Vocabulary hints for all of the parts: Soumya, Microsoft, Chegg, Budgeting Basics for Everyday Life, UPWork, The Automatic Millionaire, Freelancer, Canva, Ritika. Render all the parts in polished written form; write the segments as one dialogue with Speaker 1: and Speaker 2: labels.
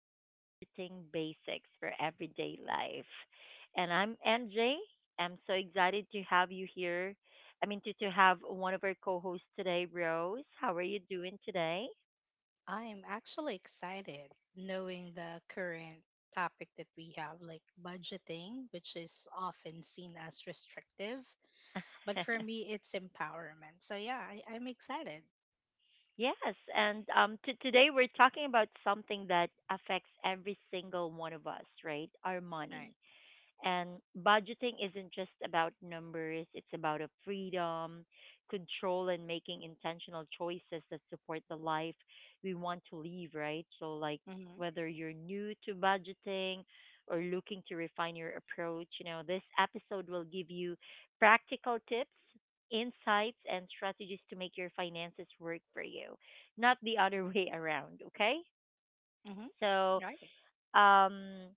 Speaker 1: for Budgeting Basics for Everyday Life. And I'm MJ. I'm so excited to have you here. To have one of our co hosts today, Rose. How are you doing today?
Speaker 2: I'm actually excited knowing the current topic that we have, like budgeting, which is often seen as restrictive. But for me, it's empowerment. So, yeah, I'm excited.
Speaker 1: Yes. And today we're talking about something that affects every single one of us, right? Our
Speaker 2: Right.
Speaker 1: money. And budgeting isn't just about numbers, it's about a freedom, control, and making intentional choices that support the life we want to live, right? So, like,
Speaker 2: Mm-hmm.
Speaker 1: whether you're new to budgeting or looking to refine your approach, this episode will give you practical tips, insights, and strategies to make your finances work for you, not the other way around, okay?
Speaker 2: Mm-hmm.
Speaker 1: So,
Speaker 2: Right.
Speaker 1: um,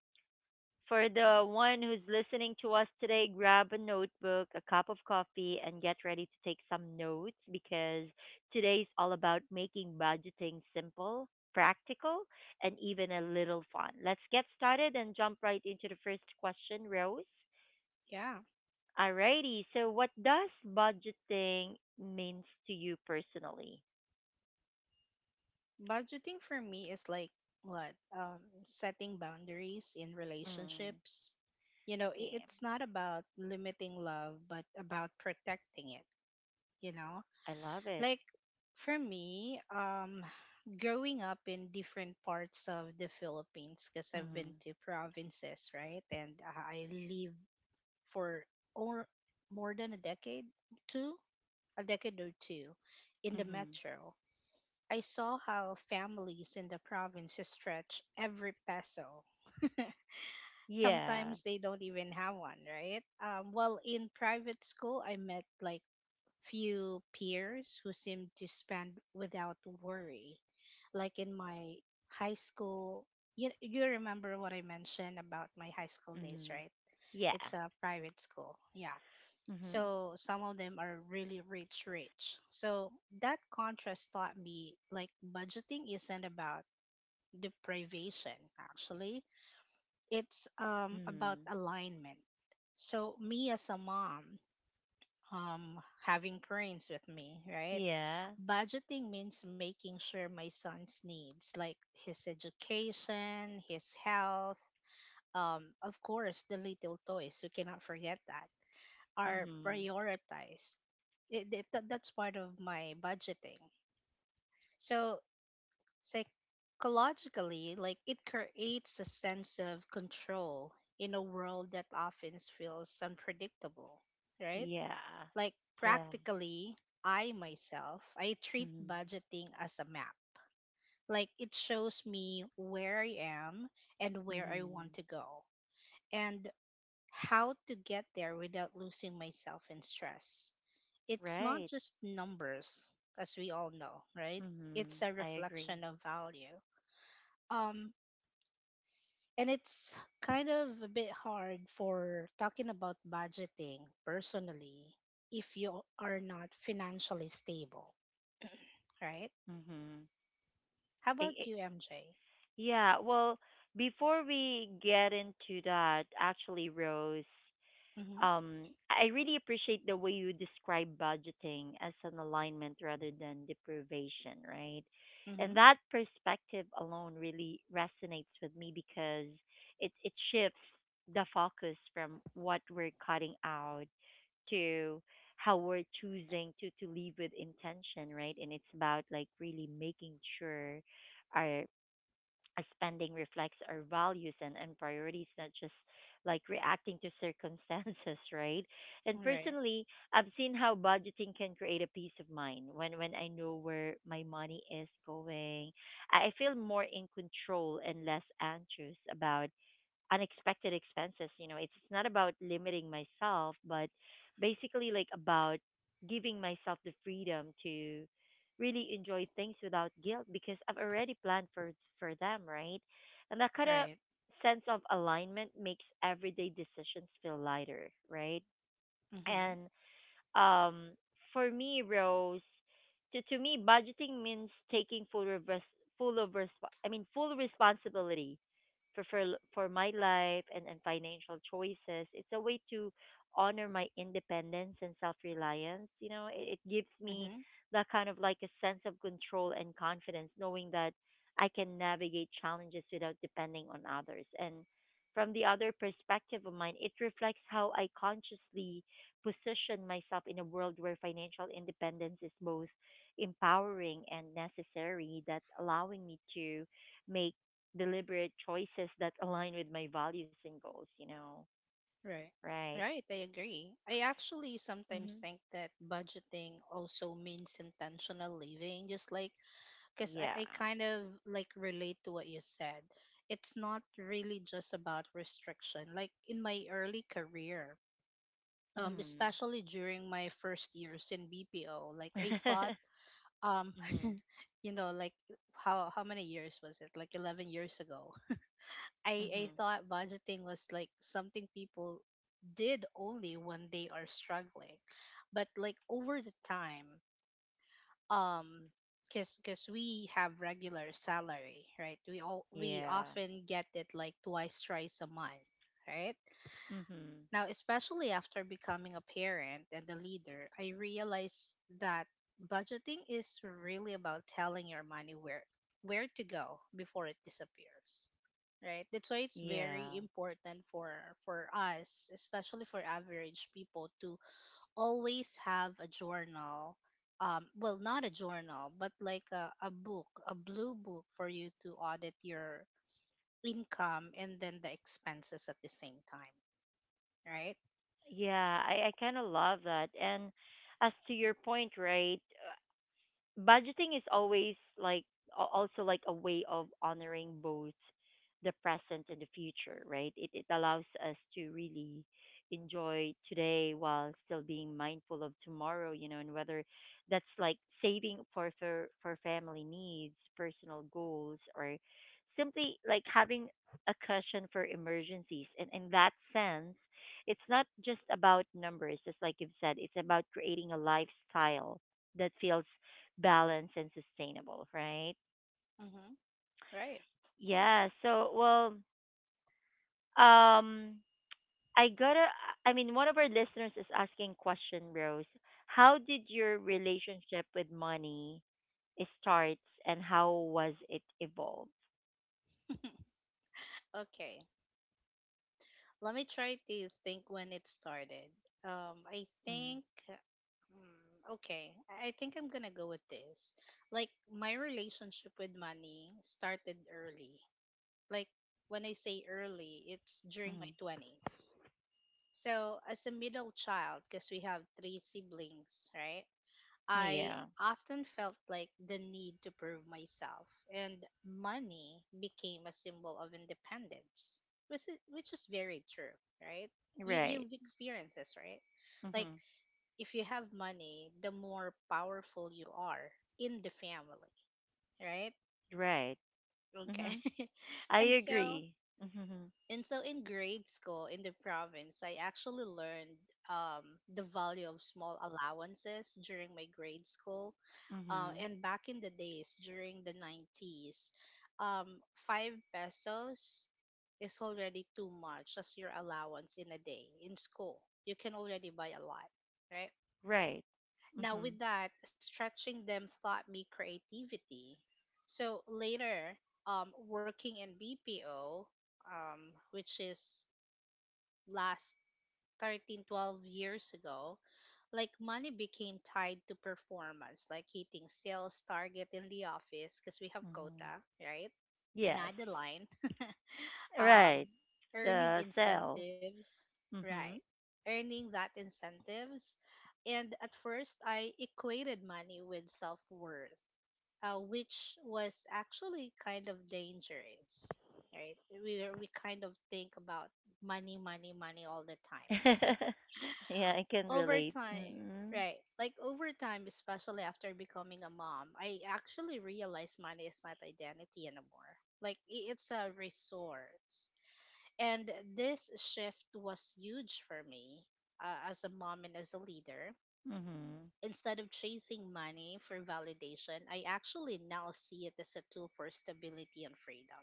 Speaker 1: for the one who's listening to us today, grab a notebook, a cup of coffee, and get ready to take some notes because today's all about making budgeting simple, practical, and even a little fun. Let's get started and jump right into the first question, Rose.
Speaker 2: Yeah.
Speaker 1: Alrighty, so what does budgeting means to you personally?
Speaker 2: Budgeting for me is like what? Setting boundaries in
Speaker 1: Mm,
Speaker 2: relationships. You know,
Speaker 1: yeah,
Speaker 2: it's not about limiting love, but about protecting it, you know?
Speaker 1: I love it.
Speaker 2: Like for me, growing up in different parts of the Philippines, because I've been
Speaker 1: Mm-hmm.
Speaker 2: to provinces, right? And I live for or more than a decade, two, a decade or two, in the
Speaker 1: Mm-hmm.
Speaker 2: metro. I saw how families in the provinces stretch every peso.
Speaker 1: Yeah.
Speaker 2: Sometimes they don't even have one, right? Well, in private school, I met like few peers who seemed to spend without worry. Like in my high school, you remember what I mentioned about my high school days,
Speaker 1: Mm-hmm.
Speaker 2: right?
Speaker 1: Yeah.
Speaker 2: It's a private school. Yeah.
Speaker 1: Mm-hmm.
Speaker 2: So some of them are really rich, rich. So that contrast taught me like budgeting isn't about deprivation, actually. It's about
Speaker 1: Mhm.
Speaker 2: alignment. So me as a mom, um, having parents with me, right?
Speaker 1: Yeah.
Speaker 2: Budgeting means making sure my son's needs, like his education, his health, of course, the little toys, you cannot forget that, are
Speaker 1: Mhm.
Speaker 2: prioritized. That's part of my budgeting. So, psychologically, like it creates a sense of control in a world that often feels unpredictable, right?
Speaker 1: Yeah.
Speaker 2: Like
Speaker 1: Yeah.
Speaker 2: practically, I treat
Speaker 1: Mhm.
Speaker 2: budgeting as a map. Like it shows me where I am and where I want
Speaker 1: Mhm.
Speaker 2: to go and how to get there without losing myself in stress. It's not
Speaker 1: Right.
Speaker 2: just numbers, as we all know, right?
Speaker 1: Mhm.
Speaker 2: It's a
Speaker 1: I agree.
Speaker 2: reflection of value. Um, and it's kind of a bit hard for talking about budgeting personally if you are not financially stable, right?
Speaker 1: Mhm.
Speaker 2: How
Speaker 1: I,
Speaker 2: about
Speaker 1: I,
Speaker 2: you, MJ?
Speaker 1: yeah. Well, before we get into that, actually, Rose.
Speaker 2: Mm-hmm.
Speaker 1: I really appreciate the way you describe budgeting as an alignment rather than deprivation, right?
Speaker 2: Mm-hmm.
Speaker 1: And that perspective alone really resonates with me because it shifts the focus from what we're cutting out to how we're choosing to live with intention, right? And it's about like really making sure our our spending reflects our values and priorities, not just like reacting to circumstances, right? And
Speaker 2: Right.
Speaker 1: personally, I've seen how budgeting can create a peace of mind when I know where my money is going. I feel more in control and less anxious about unexpected expenses. You know, it's not about limiting myself, but basically like about giving myself the freedom to really enjoy things without guilt because I've already planned for them, right? And that kind of
Speaker 2: Right.
Speaker 1: sense of alignment makes everyday decisions feel lighter, right?
Speaker 2: Mm-hmm.
Speaker 1: And um, for me, Rose, to me, budgeting means taking full of res- full of resp- I mean full responsibility for for, for my life and financial choices. It's a way to honor my independence and self reliance. You know, it gives me
Speaker 2: Mm-hmm.
Speaker 1: that kind of like a sense of control and confidence, knowing that I can navigate challenges without depending on others. And from the other perspective of mine, it reflects how I consciously position myself in a world where financial independence is both empowering and necessary, that allowing me to make deliberate choices that align with my values and goals, you know?
Speaker 2: Right.
Speaker 1: Right.
Speaker 2: Right. I agree. I actually
Speaker 1: Mm-hmm.
Speaker 2: sometimes think that budgeting also means intentional living, just like, because I,
Speaker 1: Yeah.
Speaker 2: I kind of like relate to what you said. It's not really just about restriction. Like in my early career,
Speaker 1: Mm.
Speaker 2: especially during my first years in BPO, like I thought, um,
Speaker 1: Mhm.
Speaker 2: you know, like how many years was it? Like 11 years ago I
Speaker 1: Mhm.
Speaker 2: thought budgeting was like something people did only when they are struggling. But like over the time, um because cause 'cause we have regular salary, right? We
Speaker 1: Yeah.
Speaker 2: often get it like twice, thrice a month, right?
Speaker 1: Mhm.
Speaker 2: Now, especially after becoming a parent and a leader, I realized that budgeting is really about telling your money where to go before it disappears. Right? That's why it's
Speaker 1: Yeah.
Speaker 2: very important for us, especially for average people to always have a journal, well, not a journal, but like a book, a blue book for you to audit your income and then the expenses at the same time, right?
Speaker 1: Yeah, I kind of love that. And as to your point, right? Budgeting is always like also like a way of honoring both the present and the future, right? It allows us to really enjoy today while still being mindful of tomorrow, you know? And whether that's like saving for family needs, personal goals, or simply like having a cushion for emergencies. And in that sense it's not just about numbers, just like you've said, it's about creating a lifestyle that feels balanced and sustainable, right?
Speaker 2: Mm-hmm. Right.
Speaker 1: Yeah. So, well, um, I gotta. I mean, one of our listeners is asking question, Rose. How did your relationship with money starts, and how was it evolved?
Speaker 2: Okay. Let me try to think when it started. I
Speaker 1: Mm-hmm.
Speaker 2: think, mm, okay, I think I'm gonna go with this. Like, my relationship with money started early. Like, when I say early, it's during my 20s. So, as a middle child, because we have three siblings, right? I
Speaker 1: Yeah.
Speaker 2: often felt like the need to prove myself, and money became a symbol of independence, which is very true, right?
Speaker 1: Right.
Speaker 2: You've experienced this, right? Like,
Speaker 1: Mhm.
Speaker 2: if you have money, the more powerful you are in the family, right?
Speaker 1: Right.
Speaker 2: Okay.
Speaker 1: Mhm. I
Speaker 2: and so
Speaker 1: agree. Mhm.
Speaker 2: and so in grade school in the province, I actually learned, um, the value of small allowances during my grade school.
Speaker 1: Mhm.
Speaker 2: And back in the days, during the 90s, um, 5 pesos is already too much as your allowance in a day in school. You can already buy a lot, right?
Speaker 1: Right.
Speaker 2: Now,
Speaker 1: Mhm.
Speaker 2: with that, stretching them taught me creativity. So later, working in BPO, which is last 13, 12 years ago, like money became tied to performance, like hitting sales target in the office because we have quota,
Speaker 1: Mhm.
Speaker 2: right, in
Speaker 1: Yes.
Speaker 2: adeline, um,
Speaker 1: Right.
Speaker 2: earning
Speaker 1: The cell.
Speaker 2: incentives, right,
Speaker 1: Mhm.
Speaker 2: earning that incentives. And at first I equated money with self-worth, which was actually kind of dangerous, right? We kind of think about money money money all the time.
Speaker 1: Yeah, I can
Speaker 2: Over
Speaker 1: relate.
Speaker 2: time,
Speaker 1: Mm-mm.
Speaker 2: right? Like over time, especially after becoming a mom, I actually realized money is not identity anymore. Like it's a resource. And this shift was huge for me, as a mom and as a leader.
Speaker 1: Mhm.
Speaker 2: Instead of chasing money for validation, I actually now see it as a tool for stability and freedom.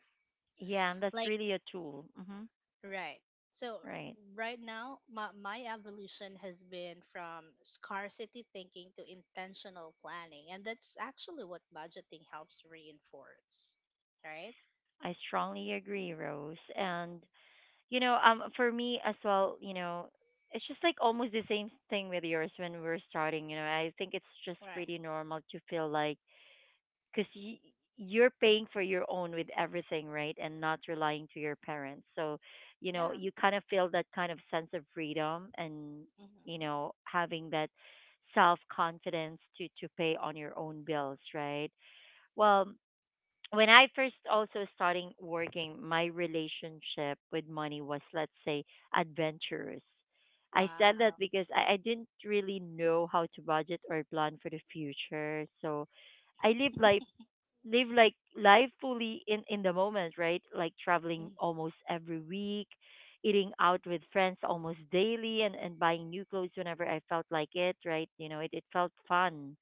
Speaker 1: Yeah, and that's
Speaker 2: Like
Speaker 1: really a tool. Hmm.
Speaker 2: Right. So
Speaker 1: Right.
Speaker 2: right now, my evolution has been from scarcity thinking to intentional planning, and that's actually what budgeting helps reinforce. Right?
Speaker 1: I strongly agree, Rose. And for me as well, you know, it's just like almost the same thing with yours when we're starting. You know, I think it's just
Speaker 2: Right.
Speaker 1: pretty normal to feel like because you're paying for your own with everything, right? And not relying to your parents, so you know
Speaker 2: Yeah.
Speaker 1: you kind of feel that kind of sense of freedom. And you
Speaker 2: Mm-hmm.
Speaker 1: know, having that self confidence to pay on your own bills, right? Well, when I first also starting working, my relationship with money was let's say adventurous. I said that
Speaker 2: Wow.
Speaker 1: because I didn't really know how to budget or plan for the future, so I lived life live like life fully in the moment, right? Like traveling
Speaker 2: Mm-hmm.
Speaker 1: almost every week, eating out with friends almost daily, and buying new clothes whenever I felt like it, right? You know, it felt fun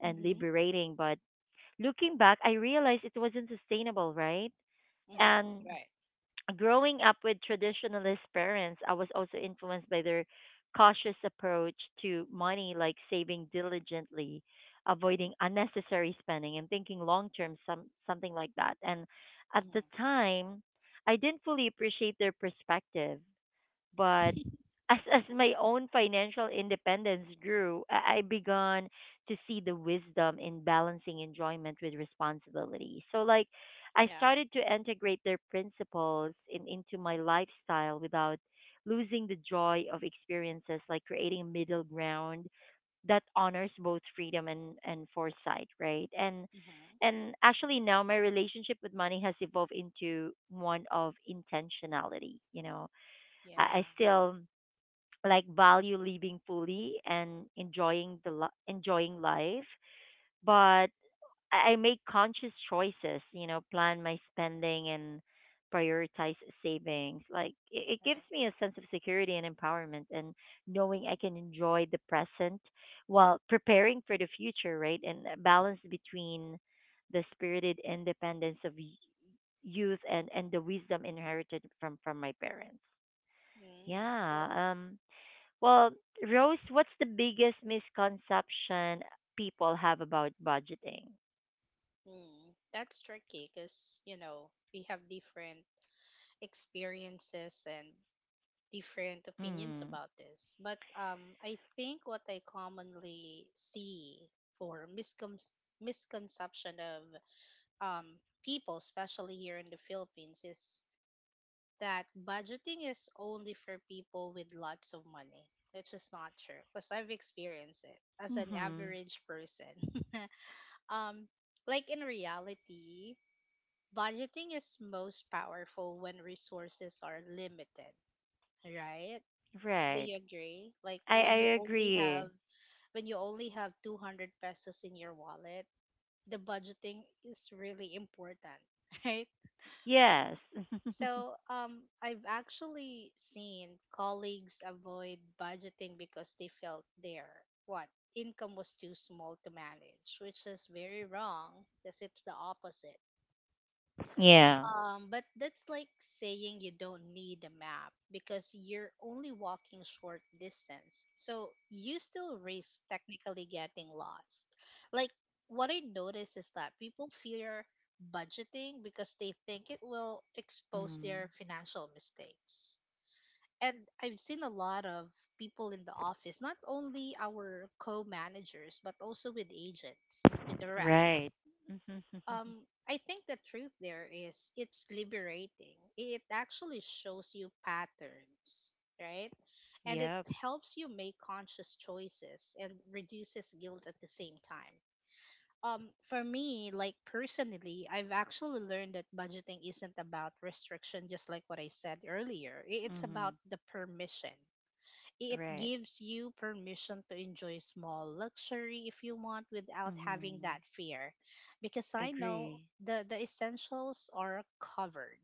Speaker 1: and
Speaker 2: Mm-hmm.
Speaker 1: liberating, but looking back I realized it wasn't sustainable, right? And
Speaker 2: Mm-hmm. Right.
Speaker 1: growing up with traditionalist parents, I was also influenced by their cautious approach to money, like saving diligently, avoiding unnecessary spending, and thinking long term, something like that. And at the
Speaker 2: Mm-hmm.
Speaker 1: time, I didn't fully appreciate their perspective. But as my own financial independence grew, I began to see the wisdom in balancing enjoyment with responsibility. So like I
Speaker 2: yeah.
Speaker 1: started to integrate their principles into my lifestyle without losing the joy of experiences, like creating a middle ground that honors both freedom and foresight, right? And
Speaker 2: Mm-hmm.
Speaker 1: and actually now my relationship with money has evolved into one of intentionality, you know? I
Speaker 2: Yeah.
Speaker 1: still like value living fully and enjoying the enjoying life, but I make conscious choices. You know, plan my spending and prioritize savings. Like it gives
Speaker 2: Right.
Speaker 1: me a sense of security and empowerment, and knowing I can enjoy the present while preparing for the future. Right, and a balance between the spirited independence of youth and the wisdom inherited from my parents.
Speaker 2: Mm, cool.
Speaker 1: Yeah. Um, well, Rose, what's the biggest misconception people have about budgeting?
Speaker 2: Mm. That's tricky because, you know, we have different experiences and different opinions
Speaker 1: Mm.
Speaker 2: about this, but I think what I commonly see for misconception of, um, people, especially here in the Philippines, is that budgeting is only for people with lots of money, which is not true because I've experienced it as an
Speaker 1: Mhm.
Speaker 2: average person. um, like in reality, budgeting is most powerful when resources are limited, right? Do
Speaker 1: Right.
Speaker 2: you agree? Like
Speaker 1: I agree.
Speaker 2: when you only have 200 pesos in your wallet, the budgeting is really important, right?
Speaker 1: Yes.
Speaker 2: So, I've actually seen colleagues avoid budgeting because they felt their what income was too small to manage, which is very wrong because it's the opposite.
Speaker 1: Yeah.
Speaker 2: But that's like saying you don't need a map because you're only walking short distance. So you still risk technically getting lost. Like what I notice is that people fear budgeting because they think it will expose
Speaker 1: Mm.
Speaker 2: their financial mistakes. And I've seen a lot of people in the office, not only our co-managers, but also with agents, with the
Speaker 1: Right.
Speaker 2: reps. um I think the truth there is it's liberating. It actually shows you patterns, right? And it
Speaker 1: Yep.
Speaker 2: helps you make conscious choices and reduces guilt at the same time. Um, for me, like personally, I've actually learned that budgeting isn't about restriction, just like what I said earlier. It's about
Speaker 1: Mhm.
Speaker 2: the permission, it
Speaker 1: Right.
Speaker 2: gives you permission to enjoy small luxury if you want without having that
Speaker 1: Mhm.
Speaker 2: fear. Because I know
Speaker 1: Agree.
Speaker 2: the essentials are covered,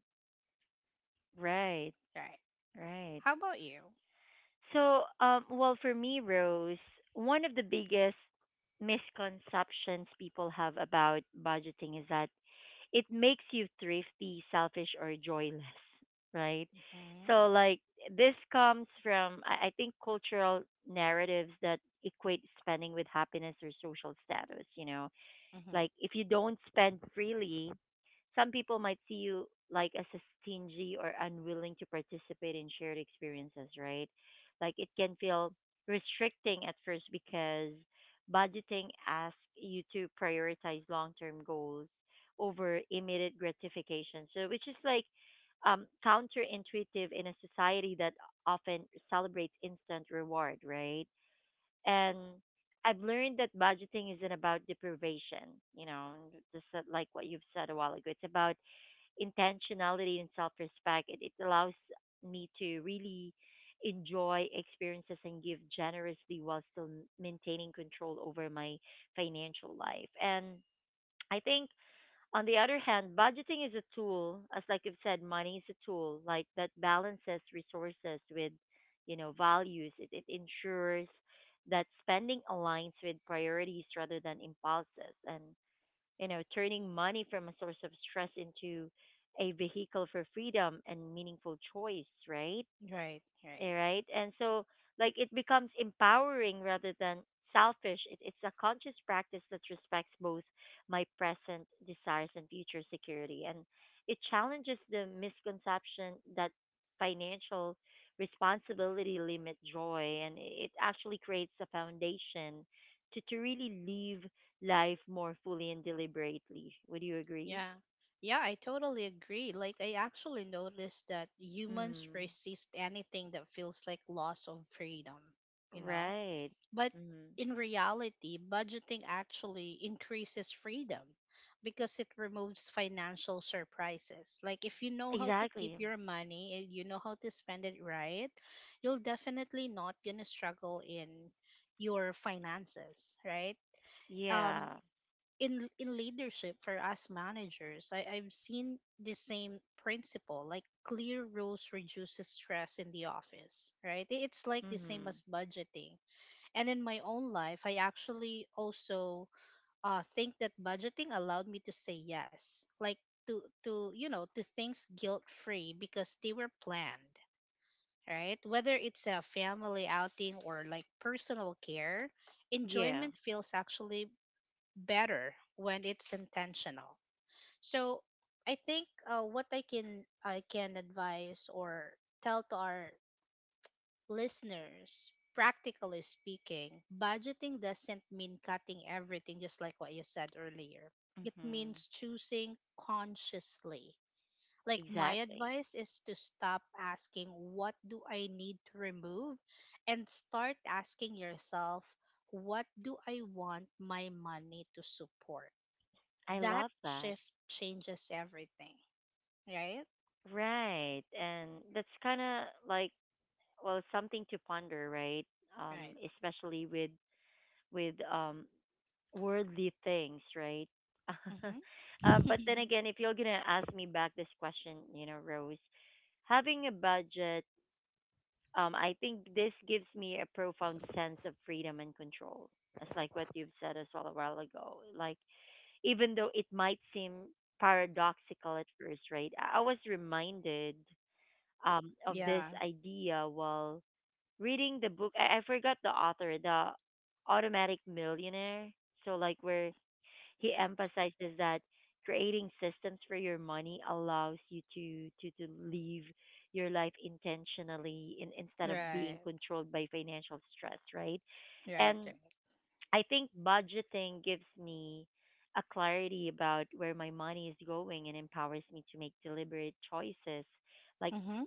Speaker 1: Right.
Speaker 2: right?
Speaker 1: Right.
Speaker 2: How about you?
Speaker 1: So, well for me, Rose, one of the biggest misconceptions people have about budgeting is that it makes you thrifty, selfish, or joyless, right?
Speaker 2: Mm-hmm.
Speaker 1: So, like, this comes from, I think, cultural narratives that equate spending with happiness or social status, you know?
Speaker 2: Mm-hmm.
Speaker 1: Like, if you don't spend freely, some people might see you like as a stingy or unwilling to participate in shared experiences, right? Like it can feel restricting at first because budgeting asks you to prioritize long-term goals over immediate gratification. So which is like counterintuitive in a society that often celebrates instant reward, right? And I've learned that budgeting isn't about deprivation, you know, just like what you've said a while ago. It's about intentionality and self respect. It allows me to really enjoy experiences and give generously while still maintaining control over my financial life. And I think, on the other hand, budgeting is a tool, as like I've said, money is a tool like that balances resources with, you know, values. It ensures that spending aligns with priorities rather than impulses and you know, turning money from a source of stress into a vehicle for freedom and meaningful choice, right?
Speaker 2: Right, right.
Speaker 1: All right. And so, like, it becomes empowering rather than selfish. It's a conscious practice that respects both my present desires and future security. And it challenges the misconception that financial responsibility limit joy. And it actually creates a foundation to really live life more fully and deliberately. Would you agree?
Speaker 2: Yeah. Yeah, I totally agree. Like, I actually noticed that humans
Speaker 1: Mm,
Speaker 2: resist anything that feels like loss of freedom, you know?
Speaker 1: right.
Speaker 2: But
Speaker 1: Mm,
Speaker 2: in reality, budgeting actually increases freedom because it removes financial surprises. Like if you know how to keep
Speaker 1: exactly.
Speaker 2: your money and you know how to spend it right, you'll definitely not gonna struggle in your finances, right? Um
Speaker 1: Yeah.
Speaker 2: in leadership for us managers, I've seen the same principle. Like clear rules reduces stress in the office, right? It's like the same as
Speaker 1: Mhm.
Speaker 2: budgeting, and in my own life, I actually also, think that budgeting allowed me to say yes, like to you know, to things guilt free because they were planned, right? Whether it's a family outing or like personal care,
Speaker 1: Yeah.
Speaker 2: enjoyment feels actually better when it's intentional. So I think, what I can advise or tell to our listeners, practically speaking, budgeting doesn't mean cutting everything, just like what you said earlier. It
Speaker 1: Mm-hmm.
Speaker 2: means choosing consciously. Like, my
Speaker 1: Exactly.
Speaker 2: advice is to stop asking, "What do I need to remove?" and start asking yourself, "What do I want my money to support?"
Speaker 1: I
Speaker 2: That
Speaker 1: love that.
Speaker 2: shift changes everything, right?
Speaker 1: Right. And that's kind of like well something to ponder, right?
Speaker 2: Right.
Speaker 1: Um, especially with with um worldly things, right?
Speaker 2: Mm-hmm.
Speaker 1: Uh, but then again, if you're going to ask me back this question, you know, Rose, having a budget, I think this gives me a profound sense of freedom and control. It's like what you've said as well a while ago. Like even though it might seem paradoxical at first, right? I was reminded of this
Speaker 2: yeah,
Speaker 1: idea while reading the book. I forgot the author, the Automatic Millionaire. So, like, where he emphasizes that creating systems for your money allows you to live your life intentionally instead of
Speaker 2: right,
Speaker 1: being controlled by financial stress, right? And
Speaker 2: right.
Speaker 1: I think budgeting gives me a clarity about where my money is going and empowers me to make deliberate choices, like
Speaker 2: Mm-hmm.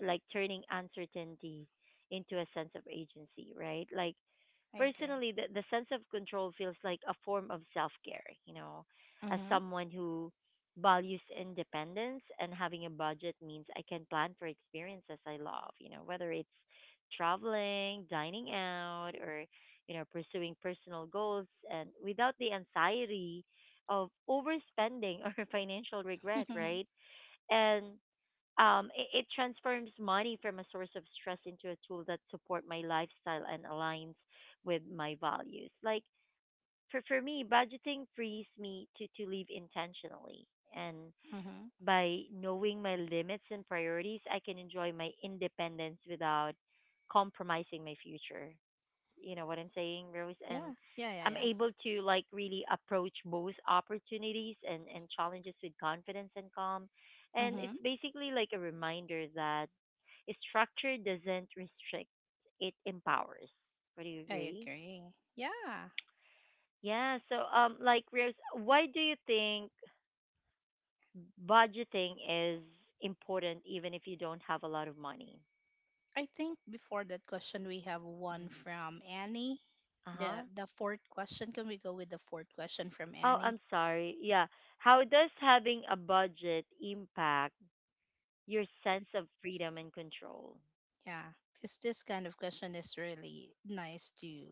Speaker 1: turning uncertainty into a sense of agency, right? Like
Speaker 2: I agree.
Speaker 1: personally the sense of control feels like a form of self-care, you know? As
Speaker 2: Mhm.
Speaker 1: someone who values independence, and having a budget means I can plan for experiences I love, you know, whether it's traveling, dining out, or you know, pursuing personal goals, and without the anxiety of overspending or financial regret,
Speaker 2: Mhm.
Speaker 1: right? And it transforms money from a source of stress into a tool that support my lifestyle and aligns with my values. Like for me, budgeting frees me to live intentionally, and by knowing my limits and priorities, I can enjoy my independence without compromising my future, you know what I'm saying, Rose? And
Speaker 2: Yeah.
Speaker 1: I'm
Speaker 2: Yeah.
Speaker 1: able to like really approach both opportunities and challenges with confidence and calm. And it's
Speaker 2: Mhm.
Speaker 1: basically like a reminder that structure doesn't restrict, it empowers. Would you
Speaker 2: I
Speaker 1: agree?
Speaker 2: agree. Yeah.
Speaker 1: Yeah. So, like Rose, why do you think budgeting is important even if you don't have a lot of money?
Speaker 2: I think before that question we have one
Speaker 1: Mm.
Speaker 2: from Annie.
Speaker 1: Uh huh.
Speaker 2: The fourth question. Can we go with the fourth question from
Speaker 1: Oh,
Speaker 2: Annie?
Speaker 1: I'm sorry. Yeah. How does having a budget impact your sense of freedom and control?
Speaker 2: Yeah. Because this kind of question is really nice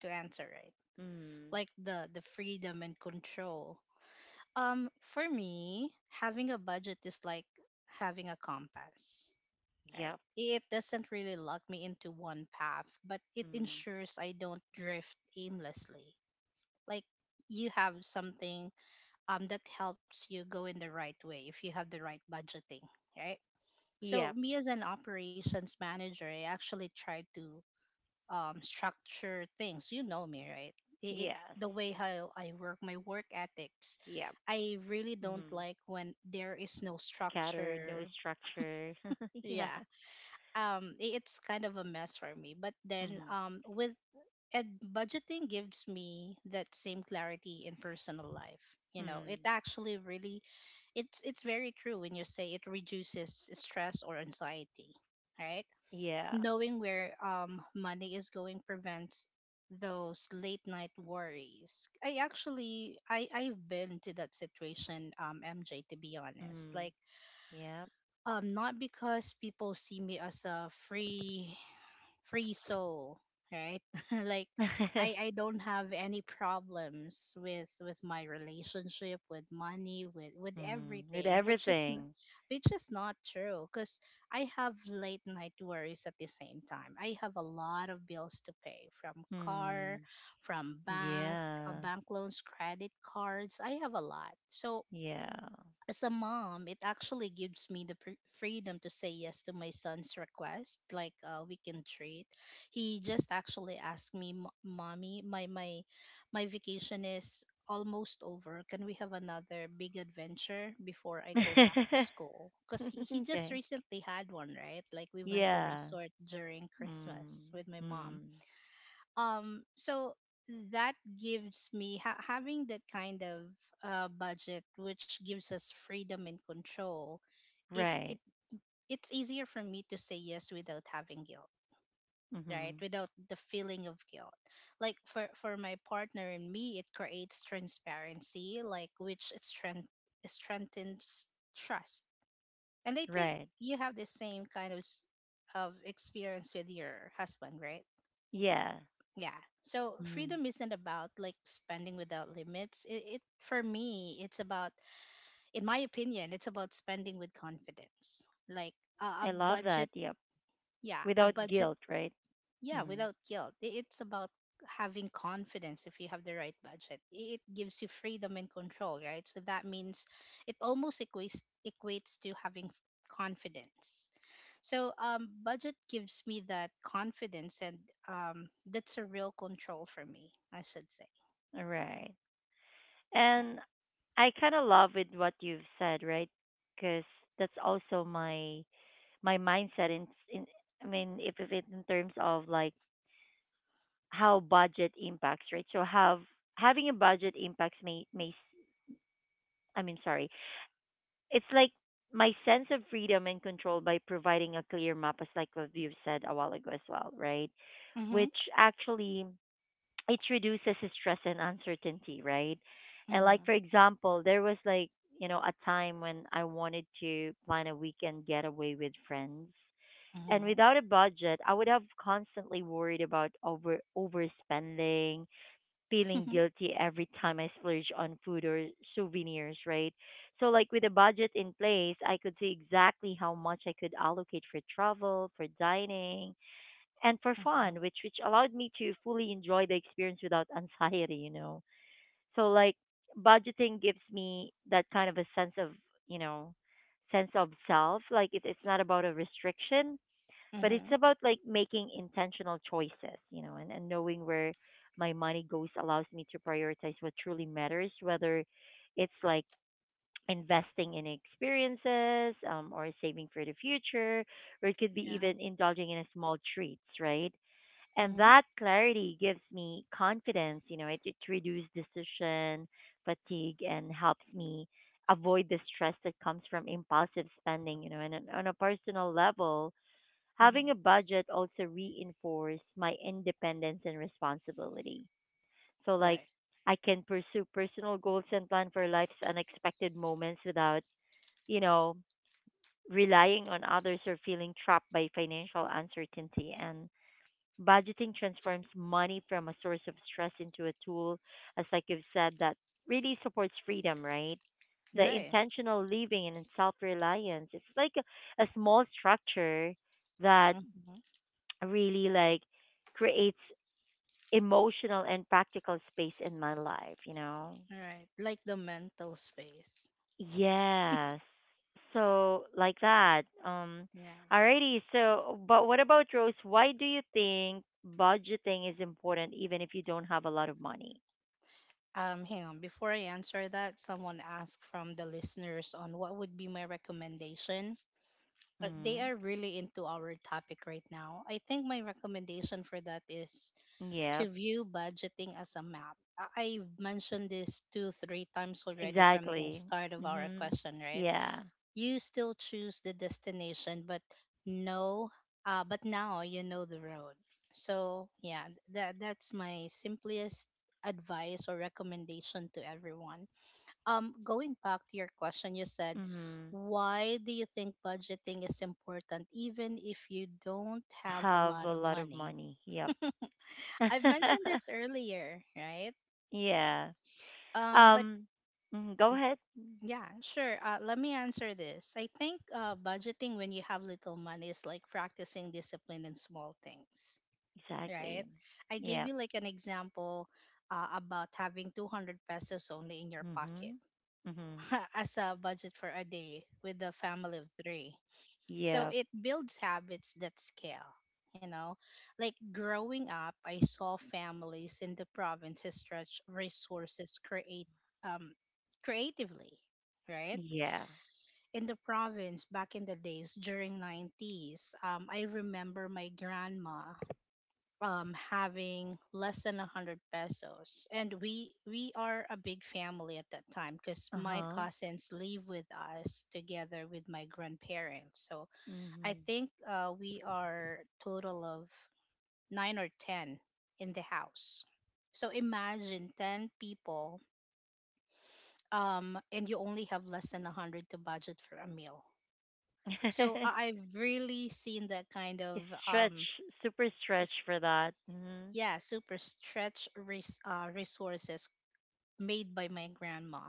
Speaker 2: to answer, right?
Speaker 1: Mm.
Speaker 2: Like the freedom and control. For me, having a budget is like having a compass. Right?
Speaker 1: Yep.
Speaker 2: It doesn't really lock me into one path, but it
Speaker 1: Mm.
Speaker 2: ensures I don't drift aimlessly. Like you have something, um, that helps you go in the right way if you have the right budgeting, right? So
Speaker 1: Yep.
Speaker 2: me as an operations manager, I actually try to, structure things. You know me, right? It, it,
Speaker 1: Yes.
Speaker 2: the way how I work, my work ethics.
Speaker 1: Yep.
Speaker 2: I really don't
Speaker 1: Mm.
Speaker 2: like when there is no
Speaker 1: Scattered, no
Speaker 2: structure.
Speaker 1: structure. Yeah.
Speaker 2: Yeah. It's kind of a mess for me, but then
Speaker 1: Mm.
Speaker 2: with and budgeting gives me that same clarity in personal life. You know, it
Speaker 1: Mm.
Speaker 2: actually really, it's very true when you say it reduces stress or anxiety, right?
Speaker 1: Yeah.
Speaker 2: Knowing where money is going prevents those late night worries. I actually, I've been to that situation, um, MJ, to be honest.
Speaker 1: Mm. Yep.
Speaker 2: Not because people see me as a free soul, right? like i i don't have any problems with my relationship with money, with
Speaker 1: Mm. With
Speaker 2: everything,
Speaker 1: everything.
Speaker 2: which is not true, because I have late night worries. At the same time, I have a lot of bills to pay: from car,
Speaker 1: Mm.
Speaker 2: from bank,
Speaker 1: Yeah.
Speaker 2: bank loans, credit cards. I have a lot. So
Speaker 1: Yeah.
Speaker 2: as a mom, it actually gives me the freedom to say yes to my son's request, like a weekend treat. He just actually asked me, Mommy, my vacation is almost over. Can we have another big adventure before I go back to school?" Because he just
Speaker 1: Okay.
Speaker 2: recently had one, right? Like we went to
Speaker 1: Yeah.
Speaker 2: resort during
Speaker 1: Mm.
Speaker 2: Christmas with my mom.
Speaker 1: Mm.
Speaker 2: um so that gives me having that kind of, budget, which gives us freedom and control. it it
Speaker 1: Right.
Speaker 2: it's easier for me to say yes without having guilt, right?
Speaker 1: Mm-hmm.
Speaker 2: Without the feeling of guilt. Like for my partner and me, it creates transparency, like which strengthens trust. And I think
Speaker 1: Right.
Speaker 2: you have the same kind of experience with your husband, right?
Speaker 1: Yeah.
Speaker 2: Yeah. So
Speaker 1: Mm-hmm.
Speaker 2: freedom isn't about like spending without limits. It For me, it's about, in my opinion, it's about spending with confidence. Like a, a
Speaker 1: I love that.
Speaker 2: budget,
Speaker 1: Yep.
Speaker 2: yeah, a
Speaker 1: Without
Speaker 2: budget,
Speaker 1: guilt, right?
Speaker 2: yeah,
Speaker 1: Mm.
Speaker 2: without guilt. It's about having confidence if you have the right budget. It gives you freedom and control, right? So that means it almost equates to having confidence. So, budget gives me that confidence, and, that's a real control for me, I should say.
Speaker 1: All right.
Speaker 2: Yeah.
Speaker 1: And I kind of love with what you've said, right? Because that's also my mindset in I mean, if it, in terms of like how budget impacts, right? So have having a budget impacts I mean, sorry. It's like my sense of freedom and control by providing a clear map, as like what you've said a while ago as well, right?
Speaker 2: Mm-hmm.
Speaker 1: Which actually it reduces stress and uncertainty, right? And like,
Speaker 2: Mm-hmm.
Speaker 1: for example, there was, like, a time when I wanted to plan a weekend getaway with friends. And
Speaker 2: Mm-hmm.
Speaker 1: without a budget, I would have constantly worried about overspending, feeling guilty every time I splurge on food or souvenirs, right? So, like, with a budget in place, I could see exactly how much I could allocate for travel, for dining, and for
Speaker 2: mm-hmm.
Speaker 1: fun, which allowed me to fully enjoy the experience without anxiety. So like budgeting gives me that kind of a you know, sense of self. Like it's not about a restriction, but it's
Speaker 2: Mm-hmm.
Speaker 1: about like making intentional choices, and knowing where my money goes allows me to prioritize what truly matters, whether it's like investing in experiences, or saving for the future, or it could be
Speaker 2: Yeah.
Speaker 1: even indulging in a small treats, right? And
Speaker 2: Mm-hmm.
Speaker 1: that clarity gives me confidence. It reduces decision fatigue and helps me avoid the stress that comes from impulsive spending. And on a personal level, having a
Speaker 2: Mm-hmm.
Speaker 1: budget also reinforces my independence and responsibility. So, like,
Speaker 2: Right.
Speaker 1: I can pursue personal goals and plan for life's unexpected moments without, you know relying on others or feeling trapped by financial uncertainty, and Budgeting transforms money from a source of stress into a tool, as like you've said, that really supports freedom, right? The
Speaker 2: Right.
Speaker 1: intentional living and self reliance. It's like a small structure that
Speaker 2: Mm-hmm.
Speaker 1: really like creates emotional and practical space in my life, you know?
Speaker 2: Right. Like the mental space.
Speaker 1: Yes. So like that.
Speaker 2: Yeah.
Speaker 1: Alrighty, so but what about Rose? Why do you think budgeting is important even if you don't have a lot of money?
Speaker 2: Hang on. Before I answer that, someone asked from the listeners on what would be my recommendation. They
Speaker 1: Mm-hmm.
Speaker 2: are really into our topic right now. I think my recommendation for that is
Speaker 1: Yeah,
Speaker 2: to view budgeting as a map. I've mentioned this two, three times already from the
Speaker 1: exactly.
Speaker 2: start of our
Speaker 1: Mm-hmm.
Speaker 2: question, right?
Speaker 1: Yeah.
Speaker 2: You still choose the destination, but no, but now you know the road. So yeah, that's my simplest advice or recommendation to everyone. Going back to your question, you said,
Speaker 1: Mm-hmm.
Speaker 2: why do you think budgeting is important even if you don't have a
Speaker 1: Have
Speaker 2: lot
Speaker 1: a
Speaker 2: of
Speaker 1: lot of
Speaker 2: money?
Speaker 1: money. Yep.
Speaker 2: I've mentioned this earlier, right?
Speaker 1: Yeah.
Speaker 2: But
Speaker 1: Um go ahead.
Speaker 2: yeah, sure. Let me answer this. I think, budgeting when you have little money is like practicing discipline in small things, right?
Speaker 1: Exactly.
Speaker 2: I gave
Speaker 1: Yeah.
Speaker 2: you like an example, about having 200 pesos only in your pocket
Speaker 1: Mhm. Mhm.
Speaker 2: as a budget for a day with a family of three. So
Speaker 1: Yep.
Speaker 2: it builds habits that scale, you know. Like growing up, I saw families in the provinces stretch resources, create, um, creatively, right?
Speaker 1: Yeah.
Speaker 2: In the province back in the days during '90s, I remember my grandma, um, having less than 100 pesos, and we are a big family at that time because my
Speaker 1: Uh-huh.
Speaker 2: cousins live with us together with my grandparents. So I
Speaker 1: Mhm.
Speaker 2: think, we are total of nine or ten in the house. So imagine ten people, and you only have less than a hundred to budget for a meal. So I've really seen that kind
Speaker 1: It's
Speaker 2: of,
Speaker 1: stretch, super stretch
Speaker 2: is
Speaker 1: for that. Hmm.
Speaker 2: yeah, super stretch resources made by my grandma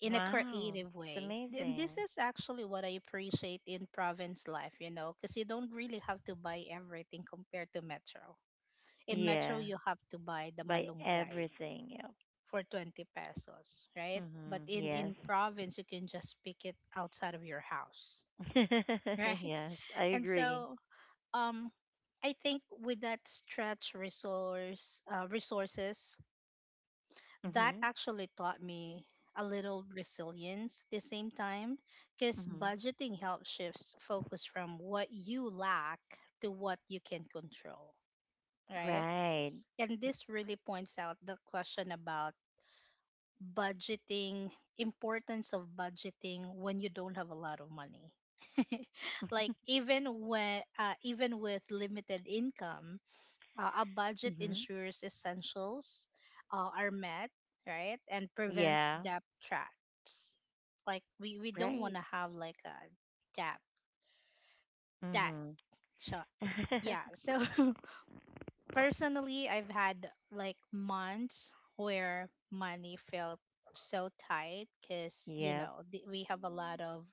Speaker 2: in a
Speaker 1: Wow,
Speaker 2: creative
Speaker 1: it's
Speaker 2: way. And this
Speaker 1: amazing.
Speaker 2: is actually what I appreciate in province life, you know, because you don't really have to buy everything compared to metro. In metro
Speaker 1: Yeah,
Speaker 2: you have to buy the
Speaker 1: by
Speaker 2: malunggay
Speaker 1: everything. Yep.
Speaker 2: for 20 pesos, right? But
Speaker 1: Hmm.
Speaker 2: in
Speaker 1: Yes.
Speaker 2: province you can just pick it outside of your house, right?
Speaker 1: Yes, I
Speaker 2: And
Speaker 1: agree.
Speaker 2: so, um, I think with that stretch resources, that
Speaker 1: Mhm.
Speaker 2: actually taught me a little resilience at the same time, because
Speaker 1: Mhm.
Speaker 2: budgeting helps shifts focus from what you lack to what you can control, right?
Speaker 1: Right.
Speaker 2: And this really points out the question about budgeting, importance of budgeting when you don't have a lot of money. Like even when even with limited income, a budget
Speaker 1: Mhm.
Speaker 2: ensures essentials, are met, right, and prevent
Speaker 1: Yeah.
Speaker 2: debt traps. Like we don't
Speaker 1: Right.
Speaker 2: want to have like a debt debt.
Speaker 1: Mhm.
Speaker 2: So yeah, so personally, I've had like months where money felt so tight because, you
Speaker 1: Yep.
Speaker 2: know, we have a lot of,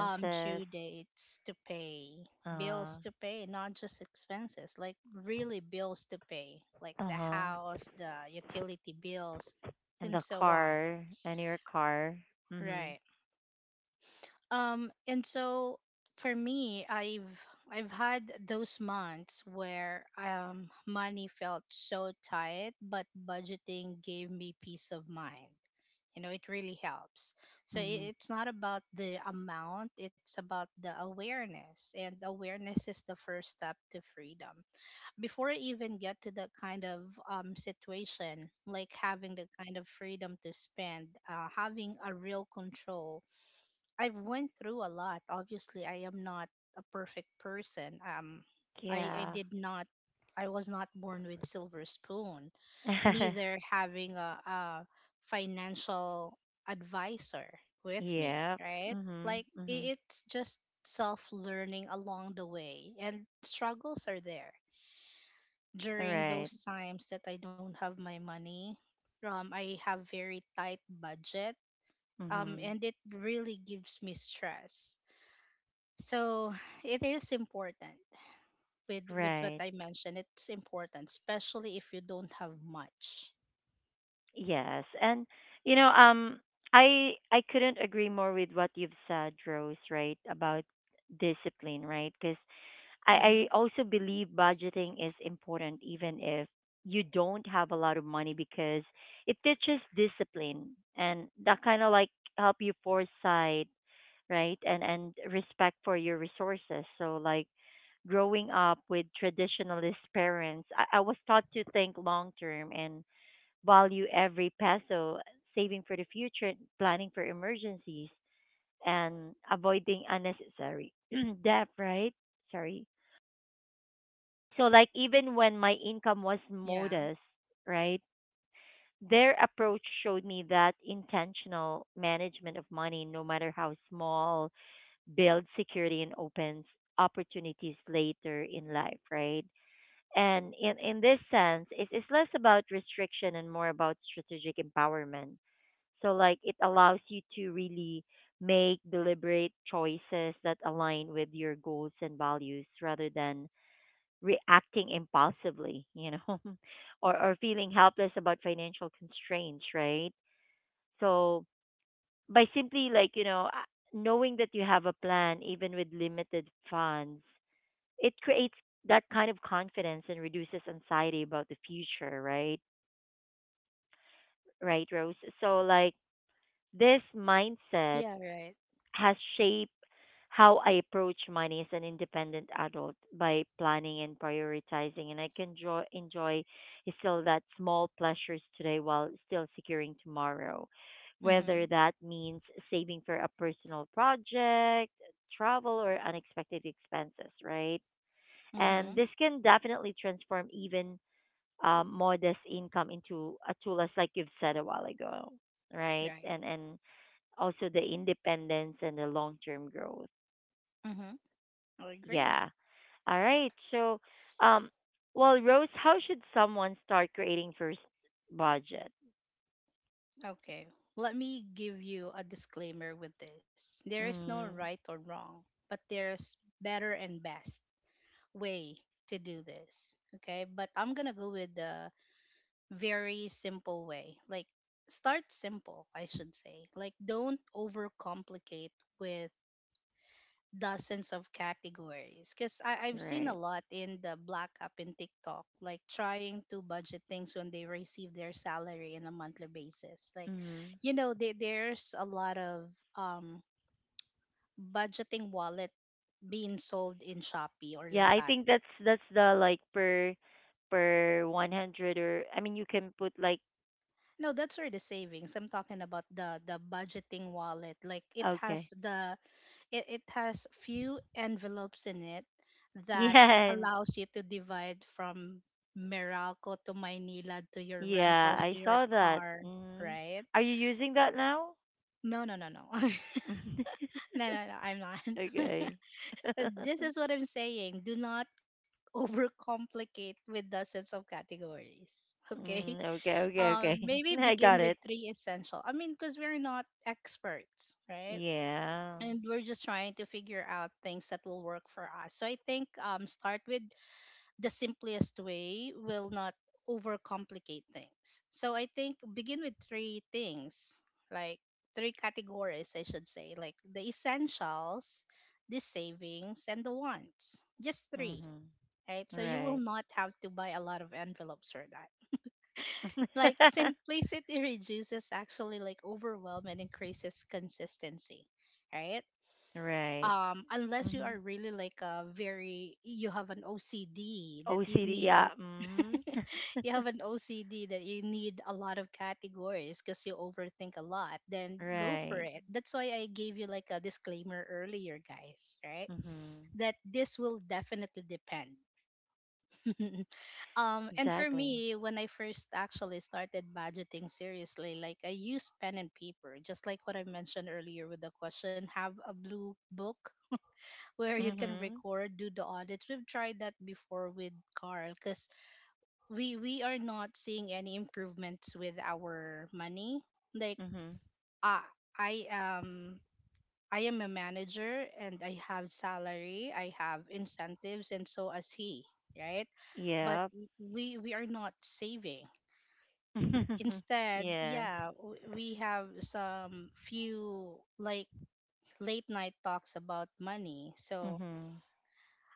Speaker 2: um, due dates to pay, bills
Speaker 1: Uh.
Speaker 2: to pay, not just expenses, like really bills to pay, like
Speaker 1: Uh
Speaker 2: the
Speaker 1: huh.
Speaker 2: house, the utility bills,
Speaker 1: And
Speaker 2: and
Speaker 1: the
Speaker 2: so on.
Speaker 1: car. And your car. Mhm.
Speaker 2: Right. And so for me, I've had those months where, um, money felt so tight, but budgeting gave me peace of mind. You know, it really helps. So
Speaker 1: Mhm.
Speaker 2: it's not about the amount; it's about the awareness, and awareness is the first step to freedom. Before I even get to that kind of, um, situation, like having the kind of freedom to spend, having a real control, I've went through a lot. Obviously, I am not a perfect person. I
Speaker 1: Yeah.
Speaker 2: did not. I was not born with silver spoon. Neither having a financial advisor with me,
Speaker 1: Yep.
Speaker 2: right?
Speaker 1: Mhm.
Speaker 2: Like
Speaker 1: Mhm.
Speaker 2: it's just self learning along the way, and struggles are there
Speaker 1: All
Speaker 2: during
Speaker 1: right.
Speaker 2: those times that I don't have my money. I have very tight budget.
Speaker 1: Mhm.
Speaker 2: And it really gives me stress, so it is important with what
Speaker 1: Right.
Speaker 2: I mentioned. It's important, especially if you don't have much.
Speaker 1: Yes. And you know, um I I couldn't agree more with what you've said, Rose, right, about discipline, right? Cuz I
Speaker 2: Mm-hmm.
Speaker 1: I also believe budgeting is important even if you don't have a lot of money because it teaches discipline and that kind of like help you foresight, right? And respect for your resources. So like growing up with traditionalist parents, I was taught to think long term and value every peso, saving for the future, planning for emergencies, and avoiding unnecessary debt, right? Sorry. So like even when my income was
Speaker 2: Yeah.
Speaker 1: modest, right? Their approach showed me that intentional management of money, no matter how small, builds security and opens opportunities later in life, right? And in this sense, it's less about restriction and more about strategic empowerment. So, like, it allows you to really make deliberate choices that align with your goals and values rather than reacting impulsively, or feeling helpless about financial constraints, right? So, by simply, like, knowing that you have a plan even with limited funds, it creates that kind of confidence and reduces anxiety about the future, right? Right, Rose? So like this mindset
Speaker 2: Yeah. Right.
Speaker 1: has shaped how I approach money as an independent adult, by planning and prioritizing. And I can enjoy still that small pleasures today while still securing tomorrow. Whether
Speaker 2: Mm-hmm.
Speaker 1: that means saving for a personal project, travel, or unexpected expenses, right? And
Speaker 2: Mm-hmm.
Speaker 1: this can definitely transform even, modest income into a tool, as like you've said a while ago, right?
Speaker 2: Right.
Speaker 1: And also the independence and the long term growth.
Speaker 2: Mm-hmm. I agree.
Speaker 1: Yeah. All right. So, um, well, Rose, how should someone start creating first budget?
Speaker 2: Okay. Let me give you a disclaimer with this. There is no right
Speaker 1: Mm,
Speaker 2: or wrong, but there's better and best way to do this. Okay. But I'm gonna go with the very simple way. Like start simple, I should say. Like don't overcomplicate with dozens of categories, because I've seen a
Speaker 1: right.
Speaker 2: lot in the black app in TikTok, like trying to budget things when they receive their salary on a monthly basis. Like,
Speaker 1: Mm-hmm.
Speaker 2: you know, there's a lot of, um, budgeting wallet being sold in Shopee or
Speaker 1: Yeah, I
Speaker 2: Lazada.
Speaker 1: think that's the like, per 100, or I mean you can put like,
Speaker 2: No, that's where the savings. I'm talking about the budgeting wallet. Like it
Speaker 1: okay.
Speaker 2: has the It has few envelopes in it that
Speaker 1: Yeah, and
Speaker 2: allows you to divide from Meralco to Maynila to your
Speaker 1: yeah,
Speaker 2: rentals
Speaker 1: I
Speaker 2: to your
Speaker 1: saw that.
Speaker 2: car,
Speaker 1: Mm.
Speaker 2: right?
Speaker 1: Are you using that now?
Speaker 2: No, no, no, no. No, no, no, I'm not.
Speaker 1: Okay.
Speaker 2: This is what I'm saying. Do not overcomplicate with dozens of categories. Okay.
Speaker 1: Mm, okay, okay, okay.
Speaker 2: Maybe
Speaker 1: I
Speaker 2: begin
Speaker 1: got
Speaker 2: with
Speaker 1: it.
Speaker 2: three essential. I mean, because we're not experts, right?
Speaker 1: Yeah.
Speaker 2: And we're just trying to figure out things that will work for us. So I think, start with the simplest way will not overcomplicate things. So I think begin with three things, like three categories, I should say, like the essentials, the savings, and the wants. Just three,
Speaker 1: Mhm.
Speaker 2: right? So you will
Speaker 1: Right.
Speaker 2: not have to buy a lot of envelopes for that. Like simplicity reduces actually like overwhelm and increases consistency, right?
Speaker 1: Right.
Speaker 2: Um, unless you are
Speaker 1: Mhm.
Speaker 2: really like a very you have an OCD that you
Speaker 1: OCD.
Speaker 2: need a
Speaker 1: Yeah. Mhm.
Speaker 2: you have an OCD that you need a lot of categories because you overthink a lot, then go for
Speaker 1: Right.
Speaker 2: it. That's why I gave you like a disclaimer earlier, guys, right?
Speaker 1: Mhm.
Speaker 2: That this will definitely depend. Um, and for
Speaker 1: Exactly.
Speaker 2: me, when I first actually started budgeting seriously, like I use pen and paper, just like what I mentioned earlier with the question, have a blue book where you can
Speaker 1: Mhm.
Speaker 2: record, do the audits. We've tried that before with Carl, because we are not seeing any improvements with our money. Like,
Speaker 1: Mhm.
Speaker 2: uh, I am I am a manager, and I have salary, I have incentives, and so as he, right? But
Speaker 1: Yep.
Speaker 2: we are not saving. Instead,
Speaker 1: Yeah.
Speaker 2: yeah, we have some few like late night talks about money. So
Speaker 1: Mhm.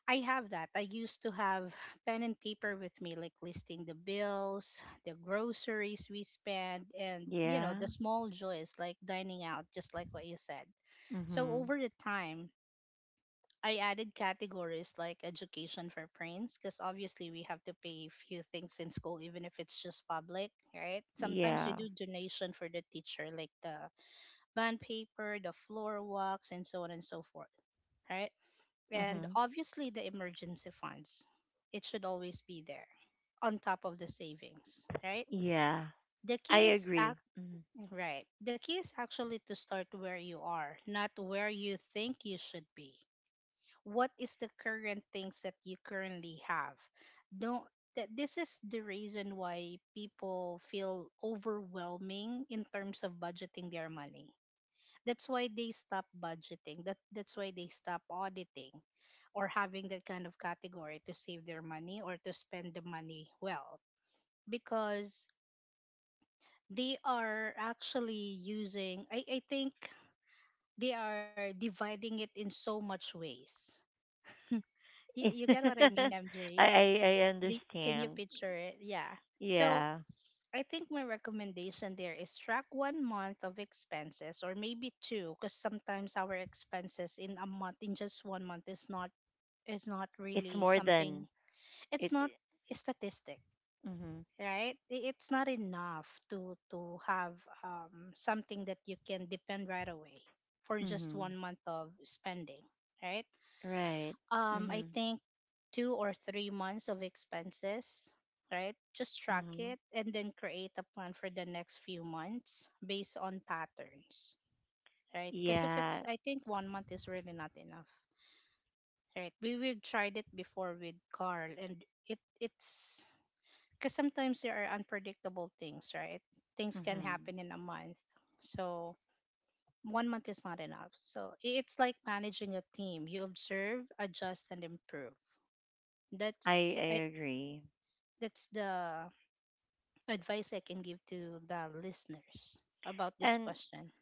Speaker 2: I have that. I used to have pen and paper with me, like listing the bills, the groceries we spend, and you know,
Speaker 1: Yeah.
Speaker 2: the small joys like dining out, just like what you said. So
Speaker 1: Mhm.
Speaker 2: over the time, I added categories like education for prints, because obviously we have to pay few things in school, even if it's just public, right? Sometimes we
Speaker 1: Yeah.
Speaker 2: do donation for the teacher, like the band paper, the floor walks, and so on and so forth, right? And
Speaker 1: Mhm.
Speaker 2: obviously the emergency funds. It should always be there on top of the savings, right?
Speaker 1: Yeah.
Speaker 2: The
Speaker 1: I
Speaker 2: key is
Speaker 1: agree.
Speaker 2: act,
Speaker 1: Mhm.
Speaker 2: right. The key is actually to start where you are, not where you think you should be. What is the current things that you currently have? Don't, that this is the reason why people feel overwhelming in terms of budgeting their money, that's why they stop budgeting. That's why they stop auditing or having that kind of category to save their money or to spend the money well, because they are actually using, I think they are dividing it in so much ways. You get what I mean,
Speaker 1: I,
Speaker 2: MJ?
Speaker 1: I I
Speaker 2: Can you
Speaker 1: understand.
Speaker 2: picture it? Yeah. So
Speaker 1: Yeah.
Speaker 2: I think my recommendation there is track 1 month of expenses or maybe two, because sometimes our expenses in a month, in just 1 month, is not
Speaker 1: It's
Speaker 2: really
Speaker 1: more
Speaker 2: something.
Speaker 1: than
Speaker 2: It's
Speaker 1: it.
Speaker 2: not a statistic,
Speaker 1: Mhm.
Speaker 2: right? It's not enough to have something that you can depend right away for just
Speaker 1: Mhm.
Speaker 2: 1 month of spending, right?
Speaker 1: Right.
Speaker 2: I
Speaker 1: Mhm.
Speaker 2: think 2 or 3 months of expenses, right? Just track
Speaker 1: Mhm.
Speaker 2: it and then create a plan for the next few months based on patterns, right? Because if
Speaker 1: Yeah.
Speaker 2: it's, I think 1 month is really not enough, right? We've tried it before with Carl, and it it's because sometimes there are unpredictable things, right? Things can
Speaker 1: Mhm.
Speaker 2: happen in a month, so 1 month is not enough. So it's like managing a team. You observe, adjust, and improve.
Speaker 1: I
Speaker 2: That's I
Speaker 1: I agree.
Speaker 2: That's the advice I can give to the listeners about this
Speaker 1: And
Speaker 2: question.